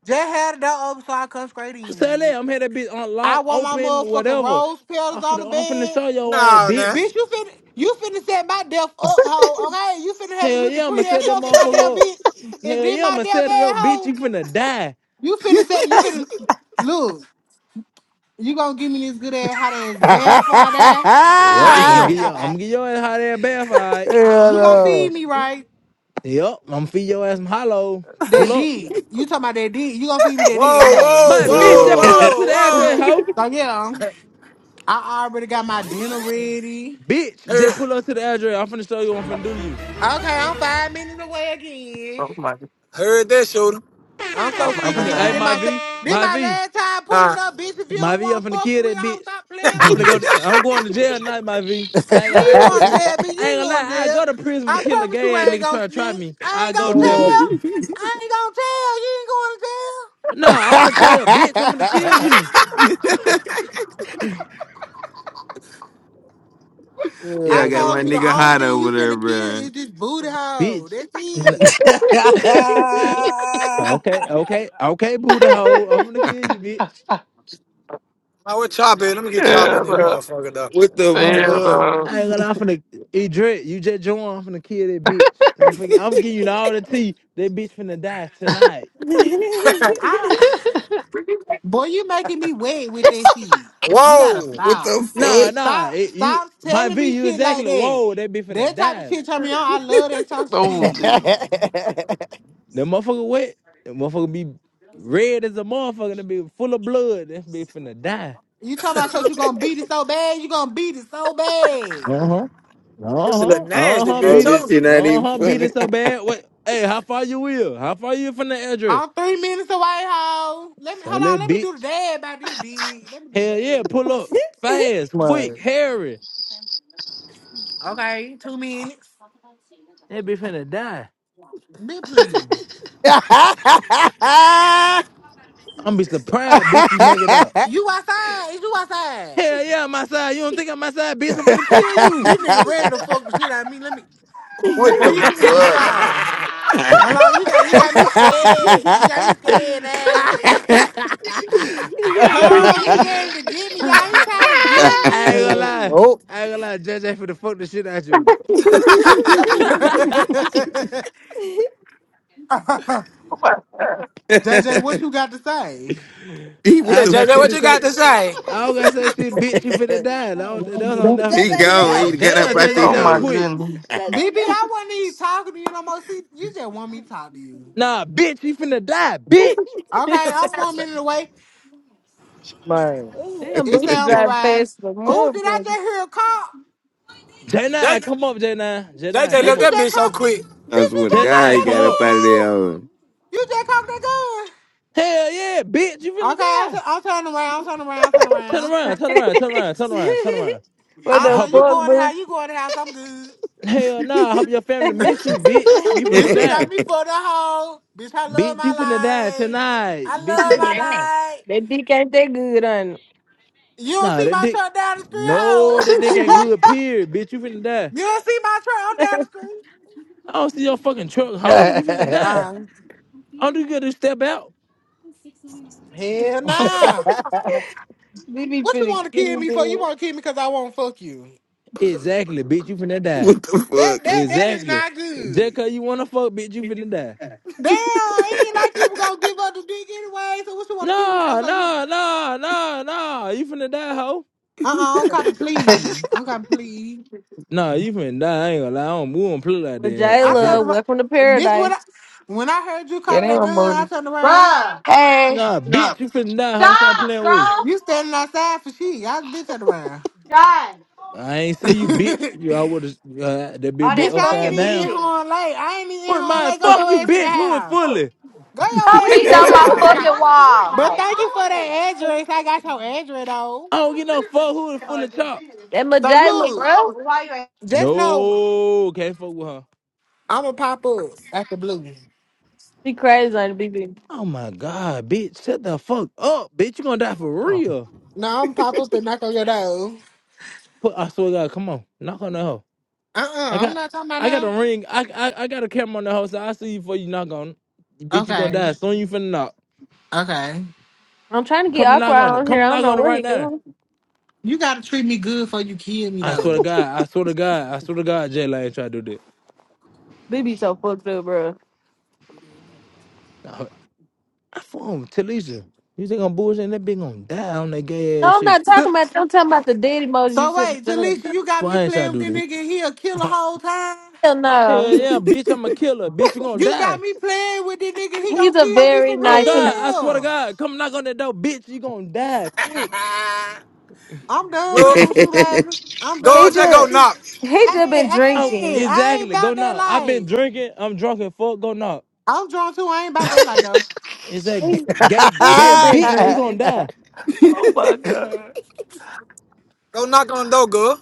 [SPEAKER 12] Just had the door open so I come straight
[SPEAKER 10] Say that
[SPEAKER 12] in.
[SPEAKER 10] I'm here that bitch
[SPEAKER 12] I
[SPEAKER 10] unlocked,
[SPEAKER 12] want my
[SPEAKER 10] open,
[SPEAKER 12] motherfucking
[SPEAKER 10] whatever.
[SPEAKER 12] rose
[SPEAKER 10] I'm
[SPEAKER 12] petals on the
[SPEAKER 10] finna, I'm finna
[SPEAKER 12] bed.
[SPEAKER 10] show your ass,
[SPEAKER 11] nah.
[SPEAKER 10] bitch.
[SPEAKER 12] Bitch, you finna you finna set my death up, hoe. Okay, you finna have me
[SPEAKER 10] Hell
[SPEAKER 12] looking
[SPEAKER 10] yeah, I'ma
[SPEAKER 12] pretty as
[SPEAKER 10] set that
[SPEAKER 12] fuck for my damn
[SPEAKER 10] motherfucker up.
[SPEAKER 12] bitch. If
[SPEAKER 10] Hell
[SPEAKER 12] this
[SPEAKER 10] yeah,
[SPEAKER 12] my
[SPEAKER 10] I'ma
[SPEAKER 12] damn
[SPEAKER 10] set it
[SPEAKER 12] bad
[SPEAKER 10] up, bitch.
[SPEAKER 12] hoe,
[SPEAKER 10] You finna die.
[SPEAKER 12] you finna set you finna look. You gonna give me this good ass hot ass bad before I die?
[SPEAKER 14] what
[SPEAKER 10] Yup, I'm
[SPEAKER 14] the
[SPEAKER 11] Damn.
[SPEAKER 10] gonna get
[SPEAKER 11] Whoa,
[SPEAKER 10] your, I'm gonna get your ass hot air bath, alright.
[SPEAKER 12] You gonna feed
[SPEAKER 1] Hell
[SPEAKER 12] me right?
[SPEAKER 10] Yup, I'm gonna feed your ass some hollow.
[SPEAKER 12] That
[SPEAKER 10] Pull up,
[SPEAKER 12] dick. You talking about that dick? You gonna feed me that dick? Okay.
[SPEAKER 11] whoa,
[SPEAKER 10] my bitch.
[SPEAKER 11] whoa,
[SPEAKER 10] Just
[SPEAKER 14] Whoa.
[SPEAKER 10] pull up to
[SPEAKER 11] whoa,
[SPEAKER 10] the address,
[SPEAKER 11] whoa.
[SPEAKER 10] hoe.
[SPEAKER 12] So yeah, I already got my dinner ready.
[SPEAKER 10] Bitch, just
[SPEAKER 11] Heard,
[SPEAKER 10] pull up to the address. I'm finna show you what I'm finna do to you.
[SPEAKER 12] Okay, I'm five minutes away again.
[SPEAKER 9] oh my.
[SPEAKER 11] heard that shooter.
[SPEAKER 12] I'm so
[SPEAKER 9] Oh my
[SPEAKER 10] I'm
[SPEAKER 12] sick of
[SPEAKER 10] finna
[SPEAKER 12] this shit.
[SPEAKER 10] hey
[SPEAKER 12] This
[SPEAKER 9] god.
[SPEAKER 10] my
[SPEAKER 12] my, se-
[SPEAKER 10] V,
[SPEAKER 12] this
[SPEAKER 10] my
[SPEAKER 12] my
[SPEAKER 10] V,
[SPEAKER 12] last time pulling
[SPEAKER 11] Huh?
[SPEAKER 12] up, bitch. If you
[SPEAKER 10] my
[SPEAKER 12] don't
[SPEAKER 10] V. I'm
[SPEAKER 12] want to
[SPEAKER 10] finna
[SPEAKER 12] fuck
[SPEAKER 10] kill
[SPEAKER 12] with me,
[SPEAKER 10] that
[SPEAKER 12] I
[SPEAKER 10] bitch.
[SPEAKER 12] stop playing
[SPEAKER 10] I'm
[SPEAKER 12] with
[SPEAKER 10] finna go.
[SPEAKER 12] me.
[SPEAKER 10] To, I'm going to jail tonight, my V. I
[SPEAKER 1] no.
[SPEAKER 10] ain't gonna
[SPEAKER 12] You
[SPEAKER 10] lie. I
[SPEAKER 12] ain't
[SPEAKER 10] go to
[SPEAKER 12] going to
[SPEAKER 10] prison.
[SPEAKER 12] jail, bitch. You
[SPEAKER 10] I ain't
[SPEAKER 12] ain't
[SPEAKER 10] gonna
[SPEAKER 12] going to
[SPEAKER 10] lie. I
[SPEAKER 12] jail.
[SPEAKER 10] go to prison for
[SPEAKER 12] I
[SPEAKER 10] killing a
[SPEAKER 12] promise you
[SPEAKER 10] gay ass
[SPEAKER 12] I ain't
[SPEAKER 10] nigga
[SPEAKER 12] going to
[SPEAKER 10] trying to try
[SPEAKER 12] snitch.
[SPEAKER 10] me.
[SPEAKER 12] I
[SPEAKER 10] I
[SPEAKER 12] ain't
[SPEAKER 10] go
[SPEAKER 12] going
[SPEAKER 10] to
[SPEAKER 12] to
[SPEAKER 10] jail for that.
[SPEAKER 12] tell. I ain't going to
[SPEAKER 10] Nah, I'm gonna tell bitch. I'm finna
[SPEAKER 1] Hell.
[SPEAKER 10] kill you,
[SPEAKER 14] yeah, I
[SPEAKER 1] Yeah,
[SPEAKER 14] got
[SPEAKER 12] tell. You ain't going to jail.
[SPEAKER 14] my
[SPEAKER 12] I told you the
[SPEAKER 1] man.
[SPEAKER 14] nigga
[SPEAKER 12] only
[SPEAKER 14] hot
[SPEAKER 12] thing
[SPEAKER 14] over
[SPEAKER 12] you
[SPEAKER 14] there,
[SPEAKER 12] finna kill
[SPEAKER 14] bro.
[SPEAKER 12] is this booty hole.
[SPEAKER 10] bitch.
[SPEAKER 12] That's
[SPEAKER 10] N-
[SPEAKER 12] it.
[SPEAKER 10] Okay, okay, okay, boo the hoe. I'm finna kill you, bitch.
[SPEAKER 11] Man, we're chopping. Let me get chopping in
[SPEAKER 9] Yeah,
[SPEAKER 11] this
[SPEAKER 9] no.
[SPEAKER 11] motherfucker, though.
[SPEAKER 14] What the
[SPEAKER 10] Oh,
[SPEAKER 9] yeah,
[SPEAKER 1] Man.
[SPEAKER 14] fuck?
[SPEAKER 9] no.
[SPEAKER 10] I ain't gonna lie. I'm finna eat drip. You just join. I'm finna kill that bitch. And I'm finna. I'm gonna give you all the tea. That bitch finna die tonight.
[SPEAKER 12] I, boy, you making me wet with that shit. You gotta
[SPEAKER 11] Whoa.
[SPEAKER 14] What
[SPEAKER 12] stop.
[SPEAKER 14] the
[SPEAKER 10] Nah,
[SPEAKER 14] fuck?
[SPEAKER 10] nah.
[SPEAKER 12] Stop.
[SPEAKER 10] It, you
[SPEAKER 12] Stop
[SPEAKER 10] my
[SPEAKER 12] telling
[SPEAKER 10] V,
[SPEAKER 12] me
[SPEAKER 10] you
[SPEAKER 12] shit like
[SPEAKER 10] exactly.
[SPEAKER 12] that.
[SPEAKER 10] Whoa, that be finna
[SPEAKER 12] That type of
[SPEAKER 10] die.
[SPEAKER 12] shit turn me on. I love that type of
[SPEAKER 9] Oh
[SPEAKER 12] shit.
[SPEAKER 9] Jesus.
[SPEAKER 10] The motherfucker wet. The motherfucker be red as a motherfucker. That be full of blood. That be finna die.
[SPEAKER 12] You talking about cause you gonna beat it so bad, you gonna beat it so bad.
[SPEAKER 10] Uh huh. Uh
[SPEAKER 11] This is a
[SPEAKER 10] huh. Uh
[SPEAKER 11] nasty
[SPEAKER 10] huh.
[SPEAKER 11] bitch,
[SPEAKER 14] Hey,
[SPEAKER 10] Beat it.
[SPEAKER 14] this
[SPEAKER 11] too.
[SPEAKER 14] shit not
[SPEAKER 10] Uh
[SPEAKER 14] even
[SPEAKER 10] huh. Beat it
[SPEAKER 14] funny.
[SPEAKER 10] so bad. What? Hey, how far you will? How far you from the address?
[SPEAKER 12] I'm three minutes away, ho. Let me hold
[SPEAKER 10] Silly
[SPEAKER 12] on, let me do the
[SPEAKER 10] bitch.
[SPEAKER 12] dad by this dig. Let me do the
[SPEAKER 10] Hell yeah. Pull up
[SPEAKER 12] dad.
[SPEAKER 10] fast, quick,
[SPEAKER 1] Man.
[SPEAKER 10] hairy.
[SPEAKER 12] Okay, two minutes.
[SPEAKER 10] That be finna die.
[SPEAKER 12] Be please.
[SPEAKER 1] Yeah,
[SPEAKER 10] I'm be surprised, bitch. You make it out.
[SPEAKER 12] You outside, is you outside?
[SPEAKER 10] Hell yeah, I'm outside. You don't think I'm outside, bitch? I'm finna kill you.
[SPEAKER 12] This nigga ready to fuck the shit out of me. Let me
[SPEAKER 14] what
[SPEAKER 12] boy you
[SPEAKER 14] the
[SPEAKER 12] hold on. Hold on, you got you got me scared. You got me scared
[SPEAKER 10] I
[SPEAKER 12] now.
[SPEAKER 14] fuck?
[SPEAKER 12] Huh, he ready to get me, y'all. He trying
[SPEAKER 10] ain't gonna lie.
[SPEAKER 1] oh,
[SPEAKER 10] I ain't gonna lie. JJ finna fuck the shit out you.
[SPEAKER 12] to get me.
[SPEAKER 9] Oh my god.
[SPEAKER 12] J J, what
[SPEAKER 14] he
[SPEAKER 12] you got to say?
[SPEAKER 10] I
[SPEAKER 14] what
[SPEAKER 11] Said,
[SPEAKER 10] don't
[SPEAKER 14] the
[SPEAKER 10] got
[SPEAKER 11] JJ,
[SPEAKER 14] fuck?
[SPEAKER 10] shit
[SPEAKER 11] what
[SPEAKER 10] to
[SPEAKER 11] you got
[SPEAKER 10] say.
[SPEAKER 11] to say?
[SPEAKER 10] I don't got to say shit, bitch. You finna die. No, that was on
[SPEAKER 3] motherfucker?
[SPEAKER 10] nothing
[SPEAKER 14] He
[SPEAKER 10] to
[SPEAKER 7] I
[SPEAKER 10] J.
[SPEAKER 14] gone.
[SPEAKER 7] left.
[SPEAKER 10] God
[SPEAKER 14] He
[SPEAKER 7] That
[SPEAKER 14] got
[SPEAKER 10] damn,
[SPEAKER 14] up
[SPEAKER 7] I
[SPEAKER 14] out
[SPEAKER 10] JJ
[SPEAKER 14] the
[SPEAKER 9] Oh
[SPEAKER 7] left.
[SPEAKER 10] little
[SPEAKER 9] my
[SPEAKER 14] hole.
[SPEAKER 10] quick.
[SPEAKER 9] goodness.
[SPEAKER 12] B B,
[SPEAKER 7] That
[SPEAKER 12] I wasn't even talking to you no more. See, you just want me to talk to you.
[SPEAKER 10] Nah, bitch, you finna die, bitch.
[SPEAKER 12] Okay, I'm one minute away.
[SPEAKER 1] man.
[SPEAKER 3] Damn,
[SPEAKER 12] It say
[SPEAKER 3] Bucci
[SPEAKER 12] I'm
[SPEAKER 3] drive
[SPEAKER 12] arrived.
[SPEAKER 3] fast as a
[SPEAKER 12] Oh, did I
[SPEAKER 3] motherfucker.
[SPEAKER 12] just hear a cop?
[SPEAKER 10] J9, come up, J9.
[SPEAKER 11] J
[SPEAKER 10] J9,
[SPEAKER 11] J
[SPEAKER 12] Bitch,
[SPEAKER 10] come
[SPEAKER 11] left
[SPEAKER 12] you
[SPEAKER 10] up.
[SPEAKER 11] that
[SPEAKER 12] just
[SPEAKER 11] bitch so
[SPEAKER 12] cock.
[SPEAKER 11] quick.
[SPEAKER 12] Bitch,
[SPEAKER 14] I
[SPEAKER 12] you
[SPEAKER 14] swear to
[SPEAKER 12] just cock
[SPEAKER 14] God,
[SPEAKER 10] J9,
[SPEAKER 14] he
[SPEAKER 12] that
[SPEAKER 10] come
[SPEAKER 14] got
[SPEAKER 12] gun,
[SPEAKER 10] up.
[SPEAKER 14] up out of there.
[SPEAKER 12] hoe.
[SPEAKER 14] hole.
[SPEAKER 12] You just cocked that
[SPEAKER 10] Hell yeah, bitch, you
[SPEAKER 12] gun.
[SPEAKER 10] finna
[SPEAKER 12] Okay, I'll,
[SPEAKER 10] die.
[SPEAKER 12] t- I'll turn around, turn around, turn
[SPEAKER 10] Turn
[SPEAKER 12] around.
[SPEAKER 10] around, turn around, turn around, turn around, turn around.
[SPEAKER 3] What
[SPEAKER 10] I
[SPEAKER 3] the
[SPEAKER 12] Uh-uh,
[SPEAKER 10] hope
[SPEAKER 12] you
[SPEAKER 10] you.
[SPEAKER 12] going to
[SPEAKER 3] fuck,
[SPEAKER 12] house, you going to house, I'm good.
[SPEAKER 10] Hell nah, I hope your family miss you, bitch. You finna
[SPEAKER 12] Bitch, you
[SPEAKER 10] die.
[SPEAKER 12] got me for the hoe. Bitch, I love
[SPEAKER 10] Bitch,
[SPEAKER 12] my
[SPEAKER 10] you finna die
[SPEAKER 12] life.
[SPEAKER 10] tonight.
[SPEAKER 12] I
[SPEAKER 10] Bitch, you
[SPEAKER 12] love my
[SPEAKER 10] finna die.
[SPEAKER 12] life.
[SPEAKER 3] That can't that good on
[SPEAKER 12] You don't
[SPEAKER 10] Nah,
[SPEAKER 12] see
[SPEAKER 10] that
[SPEAKER 12] my
[SPEAKER 10] dick.
[SPEAKER 12] truck down the street,
[SPEAKER 10] No, that
[SPEAKER 12] hoe.
[SPEAKER 10] dick ain't good, period. Bitch, you finna die.
[SPEAKER 12] You don't see my truck? I'm down the street.
[SPEAKER 10] I don't see your fucking truck, hoe. You finna die.
[SPEAKER 12] Uh,
[SPEAKER 10] All you gotta do is step out.
[SPEAKER 12] hell nah.
[SPEAKER 3] We be
[SPEAKER 12] What you
[SPEAKER 3] finna
[SPEAKER 12] want to kill
[SPEAKER 3] kill
[SPEAKER 12] me for? You
[SPEAKER 3] bro.
[SPEAKER 12] want to kill me because I won't fuck you.
[SPEAKER 10] Exactly, bitch, you finna die.
[SPEAKER 14] what the fuck?
[SPEAKER 12] That that that is
[SPEAKER 10] Exactly.
[SPEAKER 12] not
[SPEAKER 10] Just
[SPEAKER 12] good.
[SPEAKER 10] cause you wanna fuck, bitch, you finna die.
[SPEAKER 12] Damn, it ain't like you were gonna give up the dick anyway. So what you want to kill me for?
[SPEAKER 10] Nah,
[SPEAKER 12] So you?
[SPEAKER 10] nah,
[SPEAKER 12] Uh
[SPEAKER 10] nah, nah, nah. You finna die, hoe.
[SPEAKER 12] uh-uh, uh, i am copy, please. I'm copy, please.
[SPEAKER 10] Nah, you finna die. I ain't gonna lie. I don't, we don't play like that
[SPEAKER 12] I
[SPEAKER 10] up
[SPEAKER 12] turned
[SPEAKER 10] here.
[SPEAKER 3] Majayla,
[SPEAKER 12] around,
[SPEAKER 3] welcome to
[SPEAKER 12] bitch. When I
[SPEAKER 3] paradise.
[SPEAKER 12] when I heard you
[SPEAKER 15] Yeah,
[SPEAKER 12] cock
[SPEAKER 15] they
[SPEAKER 12] that gun,
[SPEAKER 15] removed it.
[SPEAKER 12] I
[SPEAKER 15] ain't emoji.
[SPEAKER 12] turned around.
[SPEAKER 15] Bruh,
[SPEAKER 10] Nah, bitch, you finna die, hoe. Stop
[SPEAKER 15] stop,
[SPEAKER 10] playing with you.
[SPEAKER 15] bro.
[SPEAKER 12] You standing outside for shit. I bitch turned around.
[SPEAKER 15] God,
[SPEAKER 10] I ain't see you, bitch.
[SPEAKER 12] bitch,
[SPEAKER 10] You I would've, uh, that bitch
[SPEAKER 15] all
[SPEAKER 10] be
[SPEAKER 15] that
[SPEAKER 12] I ain't
[SPEAKER 10] upside
[SPEAKER 15] fucking
[SPEAKER 12] even
[SPEAKER 10] down.
[SPEAKER 12] in
[SPEAKER 15] beating.
[SPEAKER 12] Horn Lake. I ain't even in
[SPEAKER 10] Put
[SPEAKER 12] Horn
[SPEAKER 10] my
[SPEAKER 12] Lake. Go
[SPEAKER 10] fuck
[SPEAKER 12] your
[SPEAKER 10] you,
[SPEAKER 12] ass in the
[SPEAKER 10] bitch. Who is
[SPEAKER 12] house.
[SPEAKER 10] fully?
[SPEAKER 12] Go your
[SPEAKER 15] Stop When
[SPEAKER 12] ass
[SPEAKER 15] you
[SPEAKER 12] in the
[SPEAKER 15] beating get
[SPEAKER 3] That
[SPEAKER 15] up a my fucking
[SPEAKER 12] house.
[SPEAKER 15] fucking
[SPEAKER 3] Majayla,
[SPEAKER 15] wall. not
[SPEAKER 12] But
[SPEAKER 15] at
[SPEAKER 12] thank you for that address. I got your address though.
[SPEAKER 10] I don't get no fuck. Who is fully chop?
[SPEAKER 12] So look,
[SPEAKER 3] bro.
[SPEAKER 15] Why you ain't
[SPEAKER 12] just know
[SPEAKER 10] No, can't fuck with her.
[SPEAKER 12] I'ma pop up at the blue.
[SPEAKER 3] She crazy on it, BB.
[SPEAKER 10] Oh my god, bitch. Shut the fuck up, bitch. You gonna die for
[SPEAKER 9] oh
[SPEAKER 10] real.
[SPEAKER 12] No, I'm pop up and knock on your door.
[SPEAKER 10] Put I swear to God, come on. Knock on the hoe.
[SPEAKER 12] Uh uh-uh, uh,
[SPEAKER 10] I
[SPEAKER 12] i am
[SPEAKER 10] got
[SPEAKER 12] not talking about
[SPEAKER 10] I got a
[SPEAKER 12] now.
[SPEAKER 10] ring. I I, I got a camera on the hoe, so I see you before you knock on. it. Bitch, you gonna
[SPEAKER 12] Okay,
[SPEAKER 10] die. Soon you finna knock.
[SPEAKER 12] okay.
[SPEAKER 3] I'm trying to get
[SPEAKER 10] Come and
[SPEAKER 3] awkward
[SPEAKER 10] knock on it.
[SPEAKER 3] on here.
[SPEAKER 10] Come
[SPEAKER 3] I
[SPEAKER 10] and
[SPEAKER 3] don't
[SPEAKER 10] knock
[SPEAKER 3] know
[SPEAKER 10] on it
[SPEAKER 3] what he
[SPEAKER 10] right now.
[SPEAKER 3] doing.
[SPEAKER 12] You gotta treat me good before you kill me
[SPEAKER 10] I swear to
[SPEAKER 12] though.
[SPEAKER 10] God, I swear to God, I swear to God, Jay ain't try to do that.
[SPEAKER 3] BB so fucked up, bro.
[SPEAKER 10] I, I fuck him, Talisha. You think I'm bullshitting that bitch gonna die on that gay ass
[SPEAKER 3] No, I'm
[SPEAKER 10] shit.
[SPEAKER 3] not
[SPEAKER 12] So,
[SPEAKER 3] talking about. you. I'm talking about the dead emoji you
[SPEAKER 12] so
[SPEAKER 3] sent me.
[SPEAKER 12] wait,
[SPEAKER 3] Jalen.
[SPEAKER 12] Talisha, you got me
[SPEAKER 10] Why ain't I
[SPEAKER 12] playing with
[SPEAKER 10] do
[SPEAKER 12] this
[SPEAKER 10] that?
[SPEAKER 12] nigga and he'll kill the whole time?
[SPEAKER 3] Hell no.
[SPEAKER 10] Hell yeah, bitch, I'm a killer. Bitch, you gonna
[SPEAKER 12] You got
[SPEAKER 10] die.
[SPEAKER 12] me playing with this nigga, he gonna
[SPEAKER 3] He's a
[SPEAKER 12] kill me
[SPEAKER 3] very
[SPEAKER 12] for
[SPEAKER 10] Oh
[SPEAKER 3] nice
[SPEAKER 10] God, I
[SPEAKER 3] person.
[SPEAKER 10] swear to
[SPEAKER 12] real.
[SPEAKER 10] God, come knock on that door, bitch, you gonna die quick.
[SPEAKER 12] I'm done
[SPEAKER 11] Go,
[SPEAKER 12] playing with you, baby. I'm
[SPEAKER 11] go,
[SPEAKER 3] He
[SPEAKER 12] done
[SPEAKER 11] just
[SPEAKER 12] playing
[SPEAKER 11] go
[SPEAKER 12] with you.
[SPEAKER 3] just
[SPEAKER 11] knock.
[SPEAKER 3] he just
[SPEAKER 12] Hey,
[SPEAKER 3] been
[SPEAKER 10] Oh,
[SPEAKER 12] hey,
[SPEAKER 3] drinking.
[SPEAKER 12] I ain't
[SPEAKER 10] exactly. Go
[SPEAKER 12] about that
[SPEAKER 10] knock. I've been
[SPEAKER 12] life.
[SPEAKER 10] drinking. I'm drunk and fuck. Go knock.
[SPEAKER 12] I'm drunk too. I ain't about that life though.
[SPEAKER 10] It's that g-
[SPEAKER 3] He,
[SPEAKER 10] gay,
[SPEAKER 3] he
[SPEAKER 10] gay
[SPEAKER 3] just been
[SPEAKER 10] bitch. You gonna
[SPEAKER 3] drinking.
[SPEAKER 10] die,
[SPEAKER 9] my
[SPEAKER 11] Go knock on the door, girl.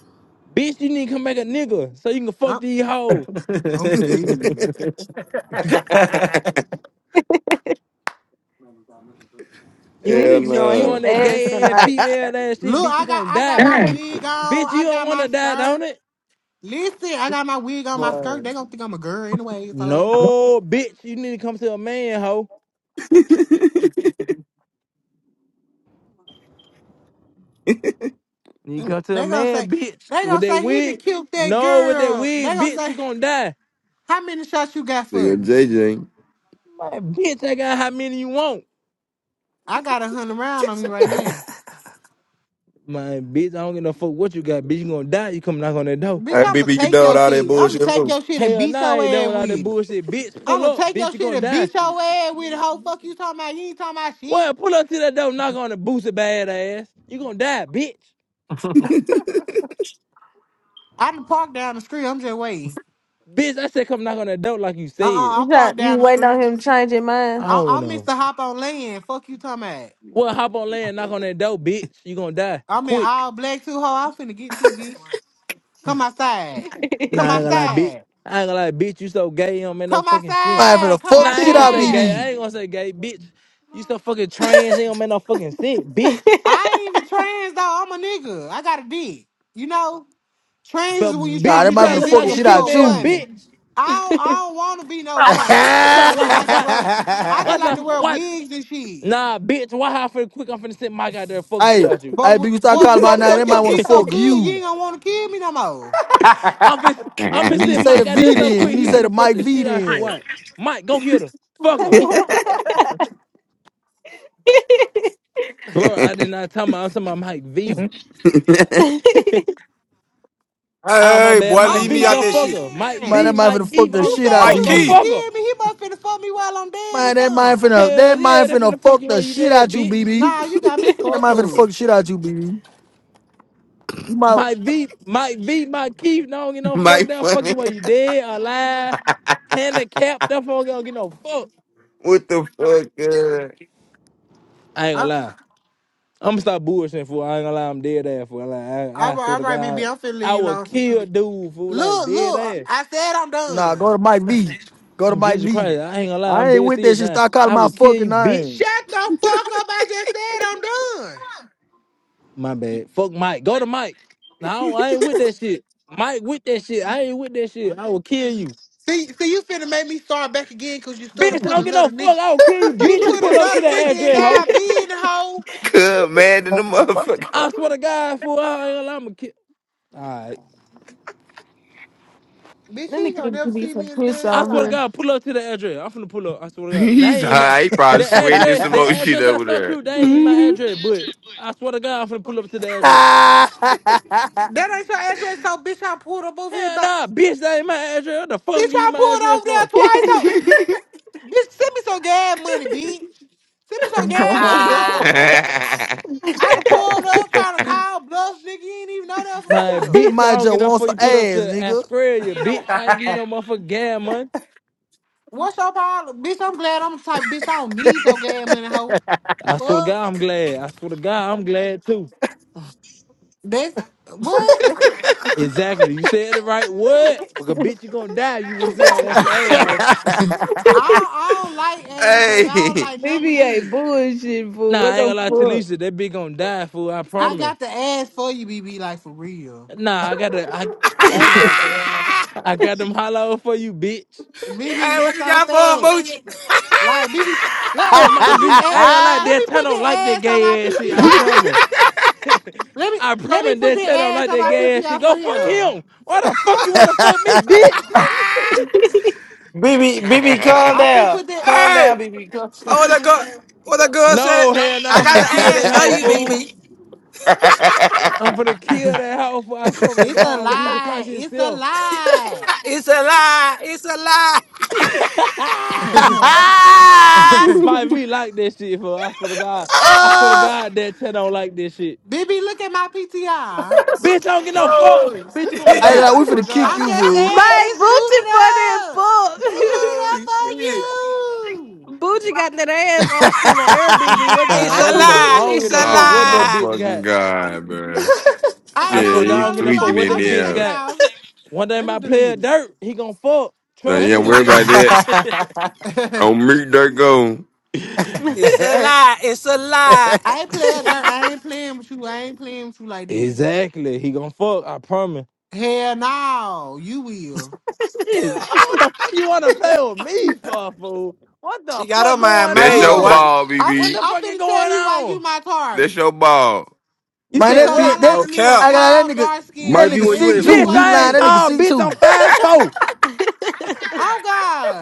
[SPEAKER 10] bitch. You need to come back a nigga so you can fuck
[SPEAKER 12] I'm,
[SPEAKER 10] these hoes.
[SPEAKER 12] I'm scared.
[SPEAKER 9] god.
[SPEAKER 10] You on
[SPEAKER 14] Hell
[SPEAKER 10] that,
[SPEAKER 3] BB
[SPEAKER 10] ni-
[SPEAKER 3] showing
[SPEAKER 10] you
[SPEAKER 3] his
[SPEAKER 14] no.
[SPEAKER 10] on that
[SPEAKER 3] ass
[SPEAKER 10] gay ass
[SPEAKER 3] tonight.
[SPEAKER 10] female ass shit,
[SPEAKER 12] Look,
[SPEAKER 10] bitch.
[SPEAKER 12] I
[SPEAKER 10] You
[SPEAKER 12] got
[SPEAKER 10] gonna
[SPEAKER 12] I got
[SPEAKER 10] die,
[SPEAKER 12] my wig on.
[SPEAKER 10] bitch.
[SPEAKER 12] I
[SPEAKER 10] You don't
[SPEAKER 12] got my
[SPEAKER 10] wanna die, don't
[SPEAKER 12] skirt.
[SPEAKER 10] it?
[SPEAKER 12] Listen, I got my wig on, my skirt.
[SPEAKER 1] Man.
[SPEAKER 12] They gonna think I'm a girl anyway, so
[SPEAKER 10] No, bitch. You need to come to a man, hoe. When you come to a
[SPEAKER 12] they gonna say
[SPEAKER 10] man, bitch,
[SPEAKER 12] they
[SPEAKER 10] with
[SPEAKER 12] gonna
[SPEAKER 10] that
[SPEAKER 12] say he done
[SPEAKER 10] wig,
[SPEAKER 12] killed that
[SPEAKER 10] no, with that
[SPEAKER 12] girl. They
[SPEAKER 10] wig,
[SPEAKER 12] gonna
[SPEAKER 10] bitch, you
[SPEAKER 12] say
[SPEAKER 10] gonna die.
[SPEAKER 12] how many shots you got
[SPEAKER 14] They
[SPEAKER 12] for
[SPEAKER 14] go
[SPEAKER 12] me?
[SPEAKER 14] JJ.
[SPEAKER 10] My bitch, I got how many you want.
[SPEAKER 12] I got a hundred round on me right now.
[SPEAKER 10] My bitch, I don't give no fuck what you got, bitch. You gonna die. You come knock on that door.
[SPEAKER 12] Bitch,
[SPEAKER 4] Hey,
[SPEAKER 12] I'ma
[SPEAKER 4] BB, you
[SPEAKER 12] take
[SPEAKER 4] done with
[SPEAKER 12] your
[SPEAKER 4] all that
[SPEAKER 12] shit. I'ma
[SPEAKER 4] bullshit?
[SPEAKER 12] take
[SPEAKER 4] huh?
[SPEAKER 12] your shit and
[SPEAKER 10] Hell
[SPEAKER 12] beat
[SPEAKER 10] nah, I
[SPEAKER 12] your
[SPEAKER 10] ain't done
[SPEAKER 12] ass
[SPEAKER 10] with all that
[SPEAKER 12] with it.
[SPEAKER 10] bullshit. Bitch, pull
[SPEAKER 12] I'ma
[SPEAKER 10] up,
[SPEAKER 12] take
[SPEAKER 10] bitch,
[SPEAKER 12] your
[SPEAKER 10] you
[SPEAKER 12] shit
[SPEAKER 10] gonna
[SPEAKER 12] and
[SPEAKER 10] die.
[SPEAKER 12] beat your ass with the whole fuck you talking about. You ain't talking about shit.
[SPEAKER 10] Well, pull up to that door, knock on the booster bad ass. You gonna die, bitch.
[SPEAKER 12] I can park down the street. I'm just waiting.
[SPEAKER 10] Bitch, I said come knock on that door like you
[SPEAKER 12] Uh
[SPEAKER 10] said.
[SPEAKER 12] uh
[SPEAKER 3] You
[SPEAKER 12] i park
[SPEAKER 3] got you
[SPEAKER 12] down the
[SPEAKER 3] waiting
[SPEAKER 12] street.
[SPEAKER 3] on him to change his mind.
[SPEAKER 10] I
[SPEAKER 12] I I
[SPEAKER 10] don't
[SPEAKER 12] miss
[SPEAKER 10] know.
[SPEAKER 12] the hop on land. Fuck you talking about.
[SPEAKER 10] Well, hop on land, knock on that door, bitch. You gonna die.
[SPEAKER 12] I'm in
[SPEAKER 10] Quick.
[SPEAKER 12] all black too, hoe. I'm finna get you, bitch. Come outside.
[SPEAKER 10] Nah,
[SPEAKER 12] Come
[SPEAKER 10] I ain't gonna lie, bitch.
[SPEAKER 12] outside.
[SPEAKER 10] I ain't gonna lie, bitch. You so gay, you don't make no
[SPEAKER 12] Come
[SPEAKER 10] fucking sense.
[SPEAKER 1] Might for
[SPEAKER 12] outside.
[SPEAKER 1] the
[SPEAKER 12] Come
[SPEAKER 1] fuck
[SPEAKER 10] Nah,
[SPEAKER 1] the
[SPEAKER 10] I
[SPEAKER 1] shit
[SPEAKER 10] ain't gonna
[SPEAKER 1] out,
[SPEAKER 10] say gay.
[SPEAKER 12] outside.
[SPEAKER 1] BB.
[SPEAKER 10] I ain't gonna say gay, bitch. You so fucking trans, you don't make no fucking sense, bitch.
[SPEAKER 12] I ain't even trans though. I'm a nigga. I got a dick. You know? Trans
[SPEAKER 10] But
[SPEAKER 12] is when you
[SPEAKER 1] Nah,
[SPEAKER 10] bitch,
[SPEAKER 12] trying
[SPEAKER 1] that
[SPEAKER 12] to
[SPEAKER 10] you
[SPEAKER 1] might
[SPEAKER 10] try
[SPEAKER 1] for
[SPEAKER 10] to
[SPEAKER 1] the
[SPEAKER 10] look
[SPEAKER 1] fuck
[SPEAKER 12] transition
[SPEAKER 10] like
[SPEAKER 1] the
[SPEAKER 10] a
[SPEAKER 1] shit
[SPEAKER 12] into a
[SPEAKER 1] out
[SPEAKER 10] female,
[SPEAKER 1] you.
[SPEAKER 12] woman.
[SPEAKER 10] bitch.
[SPEAKER 12] I don't, I don't want to be no woman.
[SPEAKER 10] My
[SPEAKER 12] I just
[SPEAKER 10] why,
[SPEAKER 12] like to
[SPEAKER 10] why,
[SPEAKER 12] wear, I just
[SPEAKER 10] why,
[SPEAKER 12] like
[SPEAKER 10] try-
[SPEAKER 12] to wear
[SPEAKER 10] why?
[SPEAKER 12] wigs and shit.
[SPEAKER 10] Nah, bitch. Why how finna quick? I'm finna send Mike out there and fuck the shit
[SPEAKER 1] Hey,
[SPEAKER 10] out you.
[SPEAKER 12] But
[SPEAKER 1] hey, but
[SPEAKER 12] w-
[SPEAKER 1] you start
[SPEAKER 12] boy,
[SPEAKER 1] calling
[SPEAKER 12] when
[SPEAKER 1] my
[SPEAKER 12] I
[SPEAKER 1] name, they
[SPEAKER 12] suck your
[SPEAKER 1] might want to
[SPEAKER 12] dick so
[SPEAKER 1] fuck
[SPEAKER 12] good, you
[SPEAKER 1] you.
[SPEAKER 12] ain't gonna want to kill me no more.
[SPEAKER 10] I'm finna, I'm
[SPEAKER 1] You
[SPEAKER 10] finna
[SPEAKER 1] need to
[SPEAKER 10] send
[SPEAKER 1] say the
[SPEAKER 10] Mike out there
[SPEAKER 1] V
[SPEAKER 10] so
[SPEAKER 1] then. You
[SPEAKER 10] quick
[SPEAKER 1] need to
[SPEAKER 10] he
[SPEAKER 1] say the
[SPEAKER 10] finna fuck
[SPEAKER 1] Mike
[SPEAKER 10] the
[SPEAKER 1] V
[SPEAKER 10] shit out you.
[SPEAKER 1] then.
[SPEAKER 10] What? Mike, go get her. Fuck
[SPEAKER 7] I
[SPEAKER 10] her,
[SPEAKER 7] left.
[SPEAKER 10] bro. I did not tell my. I'm talking about Mike V.
[SPEAKER 11] Hey,
[SPEAKER 10] Ah,
[SPEAKER 11] hey,
[SPEAKER 10] my
[SPEAKER 11] hey,
[SPEAKER 10] bad.
[SPEAKER 11] boy,
[SPEAKER 10] Mike
[SPEAKER 12] I'm
[SPEAKER 11] leave
[SPEAKER 10] V,
[SPEAKER 11] me out
[SPEAKER 10] go
[SPEAKER 11] that
[SPEAKER 10] fuck
[SPEAKER 11] shit.
[SPEAKER 10] her. Mike
[SPEAKER 1] Man,
[SPEAKER 10] V,
[SPEAKER 12] saying,
[SPEAKER 1] that might
[SPEAKER 10] Mike
[SPEAKER 1] finna fuck
[SPEAKER 10] Keith, I
[SPEAKER 1] the
[SPEAKER 10] don't
[SPEAKER 12] you
[SPEAKER 10] give
[SPEAKER 1] shit
[SPEAKER 10] no
[SPEAKER 12] said
[SPEAKER 1] out,
[SPEAKER 11] My
[SPEAKER 10] fuck.
[SPEAKER 12] you
[SPEAKER 10] Go
[SPEAKER 12] finna
[SPEAKER 1] BB.
[SPEAKER 11] key.
[SPEAKER 10] fuck her.
[SPEAKER 12] kill me. He must finna fuck me while I'm dead or
[SPEAKER 1] Man, that might
[SPEAKER 12] something.
[SPEAKER 1] finna,
[SPEAKER 10] Hell
[SPEAKER 1] that might
[SPEAKER 10] yeah, that's
[SPEAKER 1] finna
[SPEAKER 10] finna fuck
[SPEAKER 1] fuck
[SPEAKER 10] you while
[SPEAKER 1] the
[SPEAKER 10] you
[SPEAKER 1] shit
[SPEAKER 10] dead,
[SPEAKER 1] out you,
[SPEAKER 10] bitch.
[SPEAKER 1] BB.
[SPEAKER 12] Nah, you got me
[SPEAKER 1] That
[SPEAKER 12] fucked
[SPEAKER 1] might finna
[SPEAKER 12] up.
[SPEAKER 1] fuck the shit out you, BB. You might,
[SPEAKER 10] Mike V, Mike V, Mike Keith, no, I don't give no
[SPEAKER 14] My
[SPEAKER 10] fuck. They'll fuck
[SPEAKER 14] funny.
[SPEAKER 10] you while you dead, alive, handicapped. That fuck, I don't give no fuck.
[SPEAKER 14] What the fuck? Uh,
[SPEAKER 10] I ain't gonna
[SPEAKER 12] I-
[SPEAKER 10] lie. I'm gonna stop bullshitting, fool. I ain't gonna lie, I'm dead ass, fool. Like,
[SPEAKER 12] I
[SPEAKER 10] I, I swear
[SPEAKER 12] all
[SPEAKER 10] to
[SPEAKER 12] right, BB,
[SPEAKER 10] God,
[SPEAKER 12] I'm finna leave
[SPEAKER 10] I
[SPEAKER 12] you
[SPEAKER 10] would
[SPEAKER 12] alone since you
[SPEAKER 10] kill
[SPEAKER 12] did.
[SPEAKER 10] dude, fool, like
[SPEAKER 12] Look,
[SPEAKER 10] dead
[SPEAKER 12] look,
[SPEAKER 10] ass.
[SPEAKER 12] I I said I'm
[SPEAKER 1] nah,
[SPEAKER 12] done.
[SPEAKER 1] go to Mike V. Go to
[SPEAKER 10] I'm
[SPEAKER 1] Mike
[SPEAKER 10] Jesus
[SPEAKER 1] V.
[SPEAKER 10] Christ. I ain't gonna lie, I'm
[SPEAKER 1] I ain't
[SPEAKER 10] dead
[SPEAKER 1] with that
[SPEAKER 10] serious
[SPEAKER 1] shit.
[SPEAKER 10] now.
[SPEAKER 1] Start calling
[SPEAKER 10] I
[SPEAKER 1] my
[SPEAKER 10] would kill
[SPEAKER 1] fucking
[SPEAKER 10] you, bitch.
[SPEAKER 1] name.
[SPEAKER 12] Shut the fuck up! I just said I'm done.
[SPEAKER 10] My bad. Fuck Mike. Go to Mike. No, I, ain't with that shit. Mike with that shit. I ain't with that shit. I will kill you.
[SPEAKER 12] See, see, you finna make me start back again because you
[SPEAKER 10] Bitch,
[SPEAKER 12] started
[SPEAKER 10] I
[SPEAKER 12] put
[SPEAKER 10] don't get no
[SPEAKER 12] another nigga.
[SPEAKER 10] fuck. I will kill you.
[SPEAKER 12] You
[SPEAKER 10] Bitch, you
[SPEAKER 12] put
[SPEAKER 10] pull up to
[SPEAKER 12] another
[SPEAKER 10] that
[SPEAKER 12] nigga in
[SPEAKER 10] address, hoe.
[SPEAKER 12] our bin, hoe.
[SPEAKER 14] Cub mad in the motherfucker.
[SPEAKER 10] I swear to God, fool. I ain't gonna lie, I'ma kill. Alright.
[SPEAKER 12] Bitch,
[SPEAKER 3] Let
[SPEAKER 12] you
[SPEAKER 3] me
[SPEAKER 12] ain't gonna
[SPEAKER 3] give
[SPEAKER 12] never
[SPEAKER 3] BB
[SPEAKER 12] see
[SPEAKER 3] some
[SPEAKER 12] me in the
[SPEAKER 3] piss
[SPEAKER 12] day of
[SPEAKER 10] I
[SPEAKER 12] your
[SPEAKER 10] swear to
[SPEAKER 3] on
[SPEAKER 12] life.
[SPEAKER 10] God, pull up to the address. I'm finna pull up. I swear to God. That
[SPEAKER 14] He's
[SPEAKER 10] ain't my
[SPEAKER 14] high. He probably
[SPEAKER 10] the
[SPEAKER 14] sweating this
[SPEAKER 10] address, the
[SPEAKER 14] emotion
[SPEAKER 10] address I
[SPEAKER 14] over
[SPEAKER 10] sent
[SPEAKER 14] there.
[SPEAKER 10] you,
[SPEAKER 9] You
[SPEAKER 10] that
[SPEAKER 9] don't
[SPEAKER 10] ain't my
[SPEAKER 3] here.
[SPEAKER 10] address, but I swear to God, I'm finna pull up to the address.
[SPEAKER 12] That ain't your address, so bitch, I pulled up over here.
[SPEAKER 10] Hell
[SPEAKER 12] About,
[SPEAKER 10] nah, bitch, that ain't my address. What the fuck I'm
[SPEAKER 12] bitch,
[SPEAKER 10] giving you
[SPEAKER 12] I
[SPEAKER 10] my
[SPEAKER 12] pulled
[SPEAKER 10] address
[SPEAKER 12] over
[SPEAKER 10] for?
[SPEAKER 12] there twice, so
[SPEAKER 14] hey.
[SPEAKER 12] bitch, send me some gas money, bitch. Send me
[SPEAKER 7] oh
[SPEAKER 12] some gas money, hoe. I done pulled up trying to call bluff, nigga. You ain't even know that for
[SPEAKER 10] My
[SPEAKER 1] they
[SPEAKER 12] real.
[SPEAKER 10] bitch, I
[SPEAKER 1] might
[SPEAKER 10] don't
[SPEAKER 1] just
[SPEAKER 10] get up
[SPEAKER 1] want
[SPEAKER 10] for
[SPEAKER 1] some
[SPEAKER 10] you put up
[SPEAKER 1] ass,
[SPEAKER 10] to
[SPEAKER 1] nigga.
[SPEAKER 10] Australia, bitch.
[SPEAKER 9] want
[SPEAKER 10] I ain't
[SPEAKER 9] to
[SPEAKER 10] give you
[SPEAKER 9] get
[SPEAKER 10] no motherfucking gas money.
[SPEAKER 12] What's your problem, bitch? I'm glad I'm the type, bitch. I don't need your gas money, hoe.
[SPEAKER 10] I swear to
[SPEAKER 12] Fuck,
[SPEAKER 10] God, I'm glad. I swear to God, I'm glad too.
[SPEAKER 12] that's what.
[SPEAKER 10] Exactly. You said the right word. Because bitch, you gonna die. You would have said I want some ass hoe.
[SPEAKER 12] I don't, I don't like ass, baby. I don't like number
[SPEAKER 3] BB
[SPEAKER 12] D.
[SPEAKER 3] bullshit
[SPEAKER 10] Nah,
[SPEAKER 3] fool. What
[SPEAKER 10] I ain't
[SPEAKER 3] the
[SPEAKER 10] gonna lie to Lisa.
[SPEAKER 3] fuck?
[SPEAKER 10] That bitch gonna die, fool. I
[SPEAKER 12] I
[SPEAKER 10] promise.
[SPEAKER 12] got the ass for you, BB. Like for real,
[SPEAKER 10] Nah, I got the I,
[SPEAKER 7] my goodness.
[SPEAKER 10] I got them hollow for you, bitch.
[SPEAKER 11] Hey,
[SPEAKER 12] BB
[SPEAKER 11] what
[SPEAKER 12] is
[SPEAKER 11] you
[SPEAKER 12] so
[SPEAKER 11] got for him,
[SPEAKER 12] fat.
[SPEAKER 11] Booch?
[SPEAKER 12] Like BB, let,
[SPEAKER 10] Look,
[SPEAKER 12] let me
[SPEAKER 10] my
[SPEAKER 12] put this
[SPEAKER 10] V, I
[SPEAKER 12] ass.
[SPEAKER 10] ain't gonna lie,
[SPEAKER 12] Let me
[SPEAKER 10] Dantano
[SPEAKER 12] put
[SPEAKER 10] don't like that
[SPEAKER 12] that ass on my
[SPEAKER 10] gay ass shit. I
[SPEAKER 12] PTR.
[SPEAKER 10] promise.
[SPEAKER 12] Let me
[SPEAKER 10] I
[SPEAKER 12] let me
[SPEAKER 10] promise
[SPEAKER 12] put
[SPEAKER 10] Dantano don't
[SPEAKER 12] that ass
[SPEAKER 10] like
[SPEAKER 12] on
[SPEAKER 10] that
[SPEAKER 12] my
[SPEAKER 10] gay ass shit.
[SPEAKER 12] PTR
[SPEAKER 10] Go
[SPEAKER 12] for
[SPEAKER 10] fuck
[SPEAKER 12] him.
[SPEAKER 10] him. Why the fuck you
[SPEAKER 1] uh,
[SPEAKER 10] wanna fuck me, bitch?
[SPEAKER 9] BB, BB, calm
[SPEAKER 12] I'm finna
[SPEAKER 9] down.
[SPEAKER 12] put that.
[SPEAKER 9] Calm
[SPEAKER 11] Hey,
[SPEAKER 9] down, BB. Calm
[SPEAKER 11] oh,
[SPEAKER 9] him.
[SPEAKER 11] what that girl, what that girl said?
[SPEAKER 10] No, hell no,
[SPEAKER 11] I
[SPEAKER 10] I'm
[SPEAKER 11] got
[SPEAKER 10] finna
[SPEAKER 11] the
[SPEAKER 10] kill
[SPEAKER 11] ass
[SPEAKER 10] that
[SPEAKER 11] for
[SPEAKER 10] hoe,
[SPEAKER 11] you,
[SPEAKER 10] fool.
[SPEAKER 11] BB.
[SPEAKER 10] I'm finna kill that hoe, fool. I swear to
[SPEAKER 12] It's a
[SPEAKER 10] God, on Jesus
[SPEAKER 12] lie.
[SPEAKER 10] Christ
[SPEAKER 12] It's a
[SPEAKER 10] himself.
[SPEAKER 12] lie.
[SPEAKER 11] It's a lie. It's a lie.
[SPEAKER 10] Might be like that shit, fool. I swear to God. I swear to God that Ted don't like this shit.
[SPEAKER 12] BB, look at my PTR.
[SPEAKER 10] Bitch, I don't get no fuck. Bitch, you gonna
[SPEAKER 1] I ain't gonna,
[SPEAKER 10] die.
[SPEAKER 1] lie,
[SPEAKER 10] I
[SPEAKER 1] we
[SPEAKER 10] swear to
[SPEAKER 1] finna kick
[SPEAKER 10] God.
[SPEAKER 12] I'm
[SPEAKER 1] you,
[SPEAKER 12] just
[SPEAKER 1] fool.
[SPEAKER 12] saying,
[SPEAKER 3] My
[SPEAKER 12] it's
[SPEAKER 3] Boochie for that
[SPEAKER 12] suited up. It's
[SPEAKER 3] fuck.
[SPEAKER 12] suited
[SPEAKER 11] oh
[SPEAKER 12] up for
[SPEAKER 11] shit!
[SPEAKER 12] you.
[SPEAKER 3] Boochie got that ass arched in the air, BB. What the
[SPEAKER 10] Man,
[SPEAKER 11] It's
[SPEAKER 10] I
[SPEAKER 11] a
[SPEAKER 12] I
[SPEAKER 10] don't get
[SPEAKER 3] fuck?
[SPEAKER 10] no, I
[SPEAKER 11] lie.
[SPEAKER 10] don't get
[SPEAKER 11] It's
[SPEAKER 10] no
[SPEAKER 11] a
[SPEAKER 12] do.
[SPEAKER 10] fuck
[SPEAKER 14] oh
[SPEAKER 10] what
[SPEAKER 14] my
[SPEAKER 10] that
[SPEAKER 11] lie.
[SPEAKER 10] bitch
[SPEAKER 14] fucking
[SPEAKER 10] got.
[SPEAKER 14] god, man.
[SPEAKER 12] I
[SPEAKER 14] Yeah,
[SPEAKER 10] I
[SPEAKER 12] no
[SPEAKER 10] swear to
[SPEAKER 12] no
[SPEAKER 10] God,
[SPEAKER 14] he
[SPEAKER 10] I don't get no
[SPEAKER 12] no.
[SPEAKER 10] fuck
[SPEAKER 14] tweaking
[SPEAKER 10] what
[SPEAKER 12] I'm,
[SPEAKER 14] in
[SPEAKER 10] that
[SPEAKER 12] I'm finna
[SPEAKER 10] bitch
[SPEAKER 12] take it
[SPEAKER 14] there.
[SPEAKER 10] got.
[SPEAKER 12] out. I'm fin-
[SPEAKER 10] One day
[SPEAKER 12] Let me
[SPEAKER 10] my player
[SPEAKER 12] delete it.
[SPEAKER 10] Dirt, he gonna fuck.
[SPEAKER 14] Now,
[SPEAKER 10] Trust
[SPEAKER 12] Let
[SPEAKER 14] yeah,
[SPEAKER 12] me
[SPEAKER 10] me.
[SPEAKER 14] worry about
[SPEAKER 12] delete
[SPEAKER 14] that.
[SPEAKER 12] it.
[SPEAKER 14] On meet that go.
[SPEAKER 11] It's a lie. It's a lie.
[SPEAKER 12] I ain't playing dirt. I ain't playing with you. I ain't playing with you like that.
[SPEAKER 10] Exactly. He gonna fuck. I promise.
[SPEAKER 12] Hell no, you will.
[SPEAKER 10] Is what the fuck you wanna play with me for, fool? What
[SPEAKER 11] She
[SPEAKER 10] the
[SPEAKER 11] got her
[SPEAKER 10] fuck
[SPEAKER 11] mind
[SPEAKER 10] going
[SPEAKER 14] That's
[SPEAKER 11] made,
[SPEAKER 14] your
[SPEAKER 11] boy.
[SPEAKER 10] on?
[SPEAKER 12] Look,
[SPEAKER 14] ball,
[SPEAKER 12] I'm
[SPEAKER 10] What
[SPEAKER 12] finna,
[SPEAKER 14] BB.
[SPEAKER 10] the
[SPEAKER 12] I'm
[SPEAKER 10] fuck is
[SPEAKER 12] finna tell
[SPEAKER 10] going
[SPEAKER 12] you why you
[SPEAKER 10] on?
[SPEAKER 12] my
[SPEAKER 14] That's
[SPEAKER 12] target.
[SPEAKER 14] your ball.
[SPEAKER 10] You
[SPEAKER 1] Man,
[SPEAKER 10] said
[SPEAKER 1] that
[SPEAKER 12] Because
[SPEAKER 1] beat,
[SPEAKER 10] what?
[SPEAKER 12] I
[SPEAKER 1] that.
[SPEAKER 11] No
[SPEAKER 12] like me a
[SPEAKER 11] cap.
[SPEAKER 1] I got that
[SPEAKER 12] tall,
[SPEAKER 1] nigga.
[SPEAKER 12] dark skinned
[SPEAKER 1] That
[SPEAKER 2] Might be
[SPEAKER 12] nigga
[SPEAKER 1] nigga
[SPEAKER 2] where
[SPEAKER 12] and
[SPEAKER 2] you
[SPEAKER 1] sick
[SPEAKER 2] at,
[SPEAKER 12] you
[SPEAKER 1] too.
[SPEAKER 2] fool.
[SPEAKER 10] Bitch,
[SPEAKER 1] He
[SPEAKER 12] funny
[SPEAKER 10] I
[SPEAKER 1] lying.
[SPEAKER 10] ain't
[SPEAKER 1] That nigga
[SPEAKER 12] looking.
[SPEAKER 10] tall,
[SPEAKER 1] sick
[SPEAKER 10] bitch, I'm
[SPEAKER 1] too.
[SPEAKER 10] five four.
[SPEAKER 12] Oh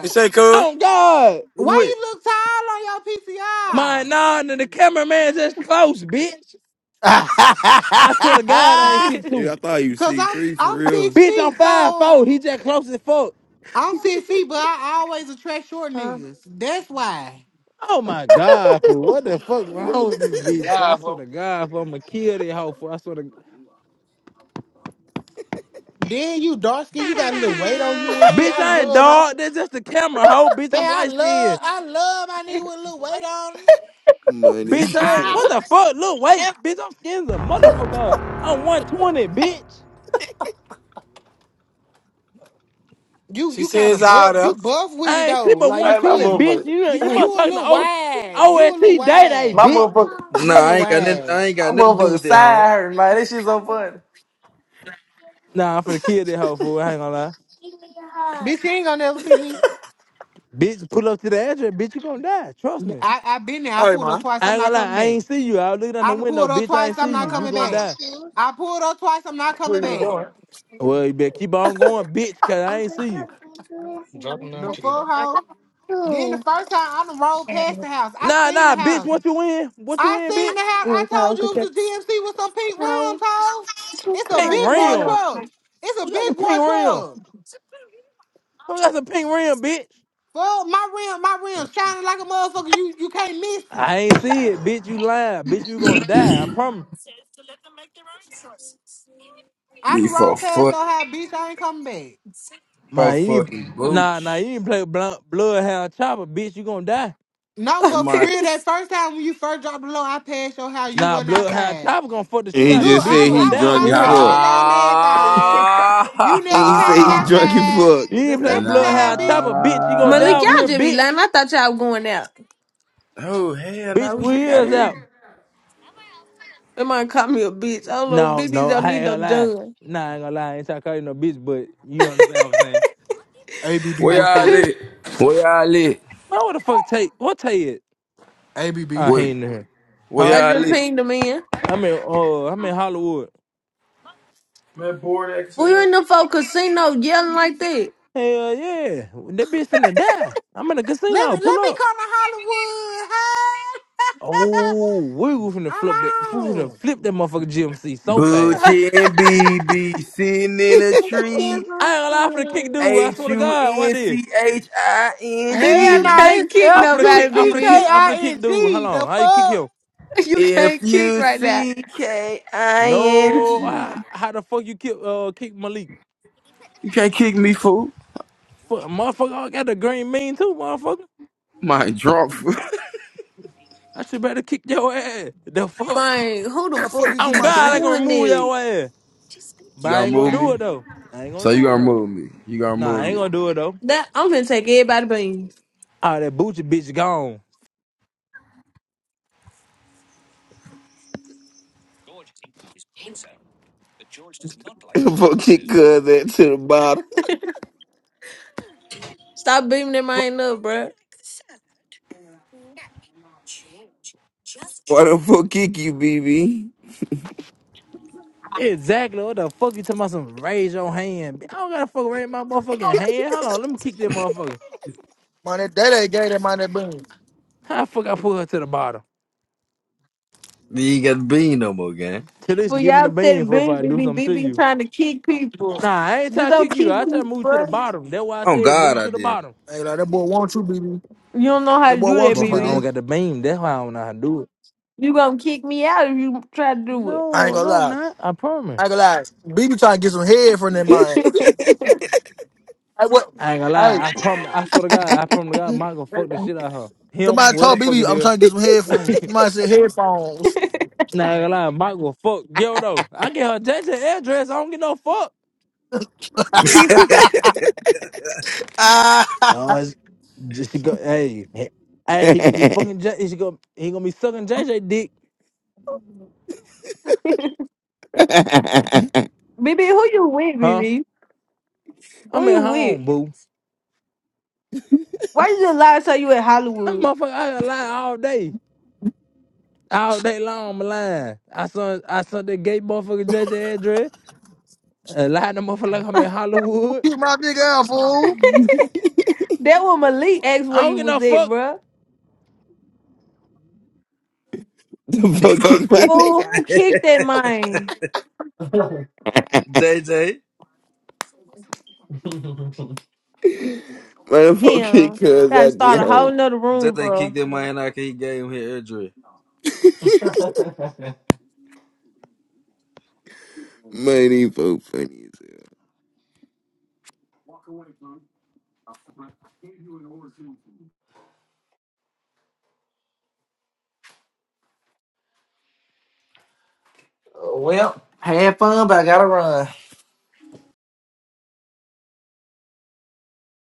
[SPEAKER 11] You say, cuz?
[SPEAKER 10] Oh God.
[SPEAKER 2] Where you
[SPEAKER 12] Why
[SPEAKER 2] at?
[SPEAKER 12] you look tall on your
[SPEAKER 10] My
[SPEAKER 12] PCR?
[SPEAKER 10] nine and the cameraman just close, bitch.
[SPEAKER 1] How
[SPEAKER 10] I swear to God I ain't six
[SPEAKER 14] Yeah,
[SPEAKER 10] two.
[SPEAKER 14] I thought you
[SPEAKER 12] Cause
[SPEAKER 14] six
[SPEAKER 12] I'm
[SPEAKER 14] three for
[SPEAKER 12] I'm six
[SPEAKER 14] real.
[SPEAKER 10] Bitch, I'm
[SPEAKER 12] feet,
[SPEAKER 10] five
[SPEAKER 12] so
[SPEAKER 10] four. He just close as fuck.
[SPEAKER 12] I'm six feet, but I always attract short
[SPEAKER 3] Huh?
[SPEAKER 12] niggas. That's why.
[SPEAKER 10] Oh my God, fool. What the fuck wrong with this bitch? Fool? I swear to God, fool, I'ma kill this hoe, fool. I swear to
[SPEAKER 12] Then you dark skin, you got a little weight on you and shit.
[SPEAKER 10] Bitch,
[SPEAKER 12] I
[SPEAKER 10] I ain't
[SPEAKER 12] love my
[SPEAKER 10] dog. That's just the camera, hoe. Bitch,
[SPEAKER 12] man.
[SPEAKER 10] I'm
[SPEAKER 12] I
[SPEAKER 10] light skinned.
[SPEAKER 12] love, I love my nigga with a little weight on. him.
[SPEAKER 14] money.
[SPEAKER 10] Bitch, I ain't, what the fuck? Look,
[SPEAKER 9] Hey,
[SPEAKER 10] wait,
[SPEAKER 9] Give
[SPEAKER 10] bitch, I'm skinny as a motherfucker. I'm 120, bitch.
[SPEAKER 12] You,
[SPEAKER 11] She
[SPEAKER 12] you kind
[SPEAKER 11] says
[SPEAKER 12] of
[SPEAKER 11] out
[SPEAKER 12] buff, you
[SPEAKER 11] there.
[SPEAKER 12] buff with it
[SPEAKER 10] I ain't
[SPEAKER 12] though.
[SPEAKER 10] shit but
[SPEAKER 12] Like you
[SPEAKER 9] my
[SPEAKER 12] see
[SPEAKER 10] 120,
[SPEAKER 12] him,
[SPEAKER 10] bitch.
[SPEAKER 9] motherfucker.
[SPEAKER 10] You
[SPEAKER 12] you,
[SPEAKER 10] you
[SPEAKER 12] you
[SPEAKER 10] must
[SPEAKER 12] a
[SPEAKER 10] talking to
[SPEAKER 12] little
[SPEAKER 10] O-
[SPEAKER 12] wide. You a
[SPEAKER 10] OST
[SPEAKER 12] little
[SPEAKER 10] Day Day,
[SPEAKER 9] My
[SPEAKER 12] wide.
[SPEAKER 10] bitch.
[SPEAKER 9] motherfucker.
[SPEAKER 12] You a
[SPEAKER 2] Nah,
[SPEAKER 12] little
[SPEAKER 2] I ain't got nothing. I
[SPEAKER 12] wide.
[SPEAKER 2] ain't
[SPEAKER 9] My
[SPEAKER 2] got nothing to do
[SPEAKER 9] motherfucker
[SPEAKER 2] with that, huh?
[SPEAKER 9] side hurt, man. This shit so funny.
[SPEAKER 10] Nah, I'm finna kill that hoe fool. I ain't gonna lie.
[SPEAKER 12] Bitch, you ain't gonna never see me.
[SPEAKER 10] Bitch, pull up to the address, bitch, you gonna die. Trust me.
[SPEAKER 12] I, I been there. I
[SPEAKER 11] Hey,
[SPEAKER 12] pulled up
[SPEAKER 11] man.
[SPEAKER 12] twice.
[SPEAKER 10] I
[SPEAKER 12] I'm
[SPEAKER 10] ain't
[SPEAKER 12] not
[SPEAKER 10] gonna lie,
[SPEAKER 12] coming
[SPEAKER 10] I
[SPEAKER 12] back.
[SPEAKER 10] ain't see you. I was looking out the
[SPEAKER 12] I done
[SPEAKER 10] window,
[SPEAKER 12] pulled up
[SPEAKER 10] bitch, I
[SPEAKER 12] twice.
[SPEAKER 10] ain't
[SPEAKER 12] I'm
[SPEAKER 10] see you.
[SPEAKER 12] not
[SPEAKER 10] You
[SPEAKER 12] coming
[SPEAKER 10] gonna
[SPEAKER 12] back.
[SPEAKER 10] die.
[SPEAKER 12] I pulled up twice. I'm not coming
[SPEAKER 11] Where you
[SPEAKER 3] Calm
[SPEAKER 12] back.
[SPEAKER 11] going?
[SPEAKER 3] down,
[SPEAKER 10] Well, you better keep on going, bitch, cause I ain't see you.
[SPEAKER 11] Dropping down,
[SPEAKER 12] The
[SPEAKER 11] kid.
[SPEAKER 12] full hoe. Then the first time I done rolled past the house. I
[SPEAKER 10] Nah,
[SPEAKER 12] seen the
[SPEAKER 10] nah, bitch,
[SPEAKER 12] house.
[SPEAKER 10] what you in? What you
[SPEAKER 12] I
[SPEAKER 10] in,
[SPEAKER 12] seen the
[SPEAKER 10] bitch?
[SPEAKER 12] house. I told you it was a GMC with some pink rims, ho. It's a
[SPEAKER 10] Pink
[SPEAKER 12] big boy
[SPEAKER 10] rim.
[SPEAKER 12] truck. It's a
[SPEAKER 10] Who got a
[SPEAKER 12] big
[SPEAKER 10] pink
[SPEAKER 12] boy
[SPEAKER 10] rim?
[SPEAKER 12] truck.
[SPEAKER 10] Who got a pink rim, bitch?
[SPEAKER 12] Well, my rim, my rim shining like a motherfucker. You you can't miss it.
[SPEAKER 10] I ain't see it, bitch. You lying, bitch. You gonna die. I promise.
[SPEAKER 12] I
[SPEAKER 16] Need
[SPEAKER 12] done
[SPEAKER 16] for
[SPEAKER 12] rolled past
[SPEAKER 16] foot
[SPEAKER 12] your house, bitch. I ain't coming back.
[SPEAKER 16] for
[SPEAKER 10] My, you need,
[SPEAKER 16] fucking
[SPEAKER 10] nah, nah.
[SPEAKER 16] boots.
[SPEAKER 10] You need to play blunt, bloodhound chopper, bitch. You gonna die.
[SPEAKER 12] No,
[SPEAKER 16] The
[SPEAKER 12] but for
[SPEAKER 16] my
[SPEAKER 12] real, that first time when you first dropped the low, I passed your house. You
[SPEAKER 10] Nah,
[SPEAKER 12] wasn't
[SPEAKER 10] bloodhound
[SPEAKER 12] outside.
[SPEAKER 10] chopper gonna fuck the
[SPEAKER 14] And
[SPEAKER 10] shit
[SPEAKER 14] he
[SPEAKER 10] out of you,
[SPEAKER 12] Look,
[SPEAKER 14] just
[SPEAKER 10] bitch.
[SPEAKER 12] I,
[SPEAKER 10] You
[SPEAKER 14] said
[SPEAKER 12] wa-
[SPEAKER 10] gonna
[SPEAKER 14] he
[SPEAKER 12] I was
[SPEAKER 10] die
[SPEAKER 14] drunk
[SPEAKER 10] over
[SPEAKER 14] as
[SPEAKER 16] Nah
[SPEAKER 12] hollering
[SPEAKER 10] here.
[SPEAKER 12] out the
[SPEAKER 14] fuck.
[SPEAKER 12] window and everything. You
[SPEAKER 14] And
[SPEAKER 12] never
[SPEAKER 14] he said
[SPEAKER 12] came
[SPEAKER 14] he drunk as
[SPEAKER 12] outside.
[SPEAKER 14] fuck.
[SPEAKER 10] You need
[SPEAKER 12] The
[SPEAKER 10] to play
[SPEAKER 12] second time,
[SPEAKER 10] bloodhound
[SPEAKER 12] bitch.
[SPEAKER 10] chopper, bitch. You gonna
[SPEAKER 16] Nah
[SPEAKER 3] Malik,
[SPEAKER 10] die over
[SPEAKER 3] y'all
[SPEAKER 10] here,
[SPEAKER 3] just be lying.
[SPEAKER 10] bitch.
[SPEAKER 3] I thought y'all were going out.
[SPEAKER 16] Oh hell
[SPEAKER 10] Bitch,
[SPEAKER 16] nah we just got
[SPEAKER 10] wheels
[SPEAKER 16] in.
[SPEAKER 10] out.
[SPEAKER 3] That might call me a bitch. I don't know.
[SPEAKER 10] No,
[SPEAKER 3] Bitches
[SPEAKER 10] no,
[SPEAKER 3] don't
[SPEAKER 10] I
[SPEAKER 3] need
[SPEAKER 10] ain't
[SPEAKER 3] no
[SPEAKER 10] gonna lie.
[SPEAKER 3] gun.
[SPEAKER 10] Nah, I ain't gonna lie. I ain't trying to call you no bitch, but you understand what I'm saying.
[SPEAKER 16] Where
[SPEAKER 12] ABB, what's
[SPEAKER 16] y'all
[SPEAKER 12] up?
[SPEAKER 16] at?
[SPEAKER 3] I
[SPEAKER 16] Where y'all at?
[SPEAKER 10] Man, what the fuck, take? What take it?
[SPEAKER 12] ABB.
[SPEAKER 10] I
[SPEAKER 16] Where
[SPEAKER 10] ain't in here,
[SPEAKER 16] where
[SPEAKER 10] huh?
[SPEAKER 16] y'all
[SPEAKER 3] just
[SPEAKER 16] at?
[SPEAKER 3] pinged him in.
[SPEAKER 10] I mean, oh, I am in Hollywood.
[SPEAKER 3] Well, you in the fuck casino yelling like that.
[SPEAKER 10] Hell yeah. That bitch finna die. I'm in the
[SPEAKER 12] Let
[SPEAKER 10] casino.
[SPEAKER 12] me
[SPEAKER 10] Pull
[SPEAKER 12] let me
[SPEAKER 10] up.
[SPEAKER 12] come to Hollywood. Hey,
[SPEAKER 10] Oh, we was finna flip that we
[SPEAKER 12] I'm
[SPEAKER 10] was finna
[SPEAKER 12] on.
[SPEAKER 10] flip that motherfucker GMC so fast.
[SPEAKER 16] Boochie and BB sitting in a tree.
[SPEAKER 10] I ain't gonna lie, I'm finna kick dude. I
[SPEAKER 16] H
[SPEAKER 10] swear to
[SPEAKER 16] U
[SPEAKER 10] God, why
[SPEAKER 16] N
[SPEAKER 10] this?
[SPEAKER 16] C H I N
[SPEAKER 3] BB,
[SPEAKER 12] Hell
[SPEAKER 3] you
[SPEAKER 16] G.
[SPEAKER 12] no,
[SPEAKER 3] can't
[SPEAKER 12] it's
[SPEAKER 3] kick
[SPEAKER 10] I'm
[SPEAKER 12] F
[SPEAKER 10] finna
[SPEAKER 12] U
[SPEAKER 3] nobody,
[SPEAKER 10] kick, I'm
[SPEAKER 12] C
[SPEAKER 10] finna
[SPEAKER 12] K
[SPEAKER 3] BB.
[SPEAKER 10] kick, I'm
[SPEAKER 12] I
[SPEAKER 10] finna kick
[SPEAKER 12] N
[SPEAKER 10] dude. Hold
[SPEAKER 12] G.
[SPEAKER 10] on.
[SPEAKER 12] The
[SPEAKER 10] How you kick
[SPEAKER 12] fuck?
[SPEAKER 10] him?
[SPEAKER 3] You
[SPEAKER 16] F
[SPEAKER 3] can't kick
[SPEAKER 16] U
[SPEAKER 3] right now.
[SPEAKER 16] C K I N
[SPEAKER 10] No,
[SPEAKER 16] G.
[SPEAKER 10] how, how the fuck you kick uh kick Malik?
[SPEAKER 16] You can't kick me, fool.
[SPEAKER 10] Fuck motherfucker, I got the green mean too, motherfucker.
[SPEAKER 16] My drunk.
[SPEAKER 10] I should better kick your ass. The fuck?
[SPEAKER 3] Man, who the
[SPEAKER 1] the fuck
[SPEAKER 3] fuck
[SPEAKER 1] you get
[SPEAKER 10] I'm
[SPEAKER 1] my
[SPEAKER 3] keep
[SPEAKER 10] God, I
[SPEAKER 1] shit?
[SPEAKER 10] can
[SPEAKER 3] doing
[SPEAKER 10] remove
[SPEAKER 3] this?
[SPEAKER 10] your ass. But
[SPEAKER 16] you
[SPEAKER 10] I
[SPEAKER 16] gonna
[SPEAKER 10] ain't gonna
[SPEAKER 16] move
[SPEAKER 10] do
[SPEAKER 16] me?
[SPEAKER 10] it though. I ain't gonna
[SPEAKER 16] So you
[SPEAKER 10] do it
[SPEAKER 16] gonna
[SPEAKER 10] though.
[SPEAKER 16] move me? You gonna
[SPEAKER 10] Nah,
[SPEAKER 16] move
[SPEAKER 10] I ain't
[SPEAKER 16] me?
[SPEAKER 10] gonna do it though.
[SPEAKER 3] That I'm gonna take everybody beam.
[SPEAKER 10] Oh, that Bucci bitch gone.
[SPEAKER 14] Fucking cuz that to the bottom.
[SPEAKER 3] Stop beaming them mind up, bruh.
[SPEAKER 14] What the fuck kick you, BB?
[SPEAKER 10] Exactly. What the fuck you talking about? Some raise your hand. I don't gotta fuck raise my motherfucking hand. Hold on, let me kick that motherfucker.
[SPEAKER 1] Man, that, that ain't gay. That mind that boom.
[SPEAKER 10] How the fuck I pull her to the bottom?
[SPEAKER 2] You ain't got the bean no more, gang.
[SPEAKER 10] Till least
[SPEAKER 3] For
[SPEAKER 10] give me
[SPEAKER 3] y'all
[SPEAKER 10] the bean
[SPEAKER 3] said
[SPEAKER 10] for if
[SPEAKER 3] beam,
[SPEAKER 10] I do
[SPEAKER 3] BB,
[SPEAKER 10] something to
[SPEAKER 3] BB
[SPEAKER 10] you.
[SPEAKER 3] trying to kick people.
[SPEAKER 10] Nah, I ain't
[SPEAKER 3] Just
[SPEAKER 10] trying to
[SPEAKER 3] don't
[SPEAKER 10] kick you.
[SPEAKER 3] kick
[SPEAKER 10] I try to
[SPEAKER 3] people,
[SPEAKER 10] move you to the
[SPEAKER 3] bruh.
[SPEAKER 10] bottom. That's why I
[SPEAKER 2] Oh
[SPEAKER 10] said move
[SPEAKER 2] God,
[SPEAKER 10] you
[SPEAKER 2] I
[SPEAKER 10] to the
[SPEAKER 2] did.
[SPEAKER 10] bottom.
[SPEAKER 1] Hey, like, that boy want you, BB.
[SPEAKER 3] You don't know how
[SPEAKER 1] That
[SPEAKER 3] to
[SPEAKER 1] boy
[SPEAKER 3] do
[SPEAKER 1] want
[SPEAKER 3] that,
[SPEAKER 1] you,
[SPEAKER 10] Motherfucker, I
[SPEAKER 1] BB.
[SPEAKER 3] BB.
[SPEAKER 10] don't got the beam. That's why I don't know how to do it.
[SPEAKER 3] You gonna kick me out if you try to do it.
[SPEAKER 1] I ain't
[SPEAKER 10] No,
[SPEAKER 1] gonna
[SPEAKER 10] no, I'm
[SPEAKER 1] lie.
[SPEAKER 10] not. I promise.
[SPEAKER 1] I ain't gonna lie. BB trying to get some head from that
[SPEAKER 3] Ain't
[SPEAKER 1] mind.
[SPEAKER 3] you weird?
[SPEAKER 1] I what?
[SPEAKER 10] I ain't gonna
[SPEAKER 1] Hey.
[SPEAKER 10] lie. I promise. I swear to God. I promise to God. Michael fuck the shit out of her. Him,
[SPEAKER 1] Somebody
[SPEAKER 10] where the
[SPEAKER 1] told
[SPEAKER 10] fuck
[SPEAKER 1] BB
[SPEAKER 10] it
[SPEAKER 1] I'm
[SPEAKER 10] is.
[SPEAKER 1] trying to get some headphones. Somebody said headphones.
[SPEAKER 10] Nah, gonna lie, Mike will fuck Yo though. I get her JJ address. I don't get no fuck.
[SPEAKER 1] Ah,
[SPEAKER 10] Oh, it's just she go. Hey, he- hey, he gonna be fucking. J- He gonna he gonna be sucking JJ dick.
[SPEAKER 14] the
[SPEAKER 3] Baby, who you with,
[SPEAKER 10] Huh?
[SPEAKER 3] Baby, Who
[SPEAKER 10] I'm
[SPEAKER 3] you
[SPEAKER 10] at
[SPEAKER 3] with?
[SPEAKER 10] home, boo.
[SPEAKER 3] Why you just lie and say you in
[SPEAKER 10] That
[SPEAKER 3] Hollywood?
[SPEAKER 10] motherfucker, I got lie all day. All day long, I'm lying. I saw I saw that gay motherfucker JJ address. Uh, lying to motherfucker like I'm in Hollywood.
[SPEAKER 1] keep my big ass fool.
[SPEAKER 3] That when Malik asked
[SPEAKER 10] I
[SPEAKER 3] where
[SPEAKER 10] don't
[SPEAKER 3] you
[SPEAKER 10] get
[SPEAKER 3] was
[SPEAKER 10] no
[SPEAKER 3] at,
[SPEAKER 10] fuck.
[SPEAKER 3] bruh.
[SPEAKER 14] fuck
[SPEAKER 2] Fuck,
[SPEAKER 14] kick my
[SPEAKER 2] kicked him,
[SPEAKER 3] Fool,
[SPEAKER 14] nigga.
[SPEAKER 2] man.
[SPEAKER 3] who kicked that man?
[SPEAKER 2] JJ,
[SPEAKER 14] What the fuck kick
[SPEAKER 3] Damn.
[SPEAKER 14] cuz
[SPEAKER 3] Gotta
[SPEAKER 14] I
[SPEAKER 3] start
[SPEAKER 14] did
[SPEAKER 3] a whole
[SPEAKER 14] hoe.
[SPEAKER 3] nother room,
[SPEAKER 2] JJ
[SPEAKER 3] bro.
[SPEAKER 2] kicked him, man. I he gave him his address.
[SPEAKER 14] Money for funny as hell.
[SPEAKER 9] Well, I had fun, but I gotta run.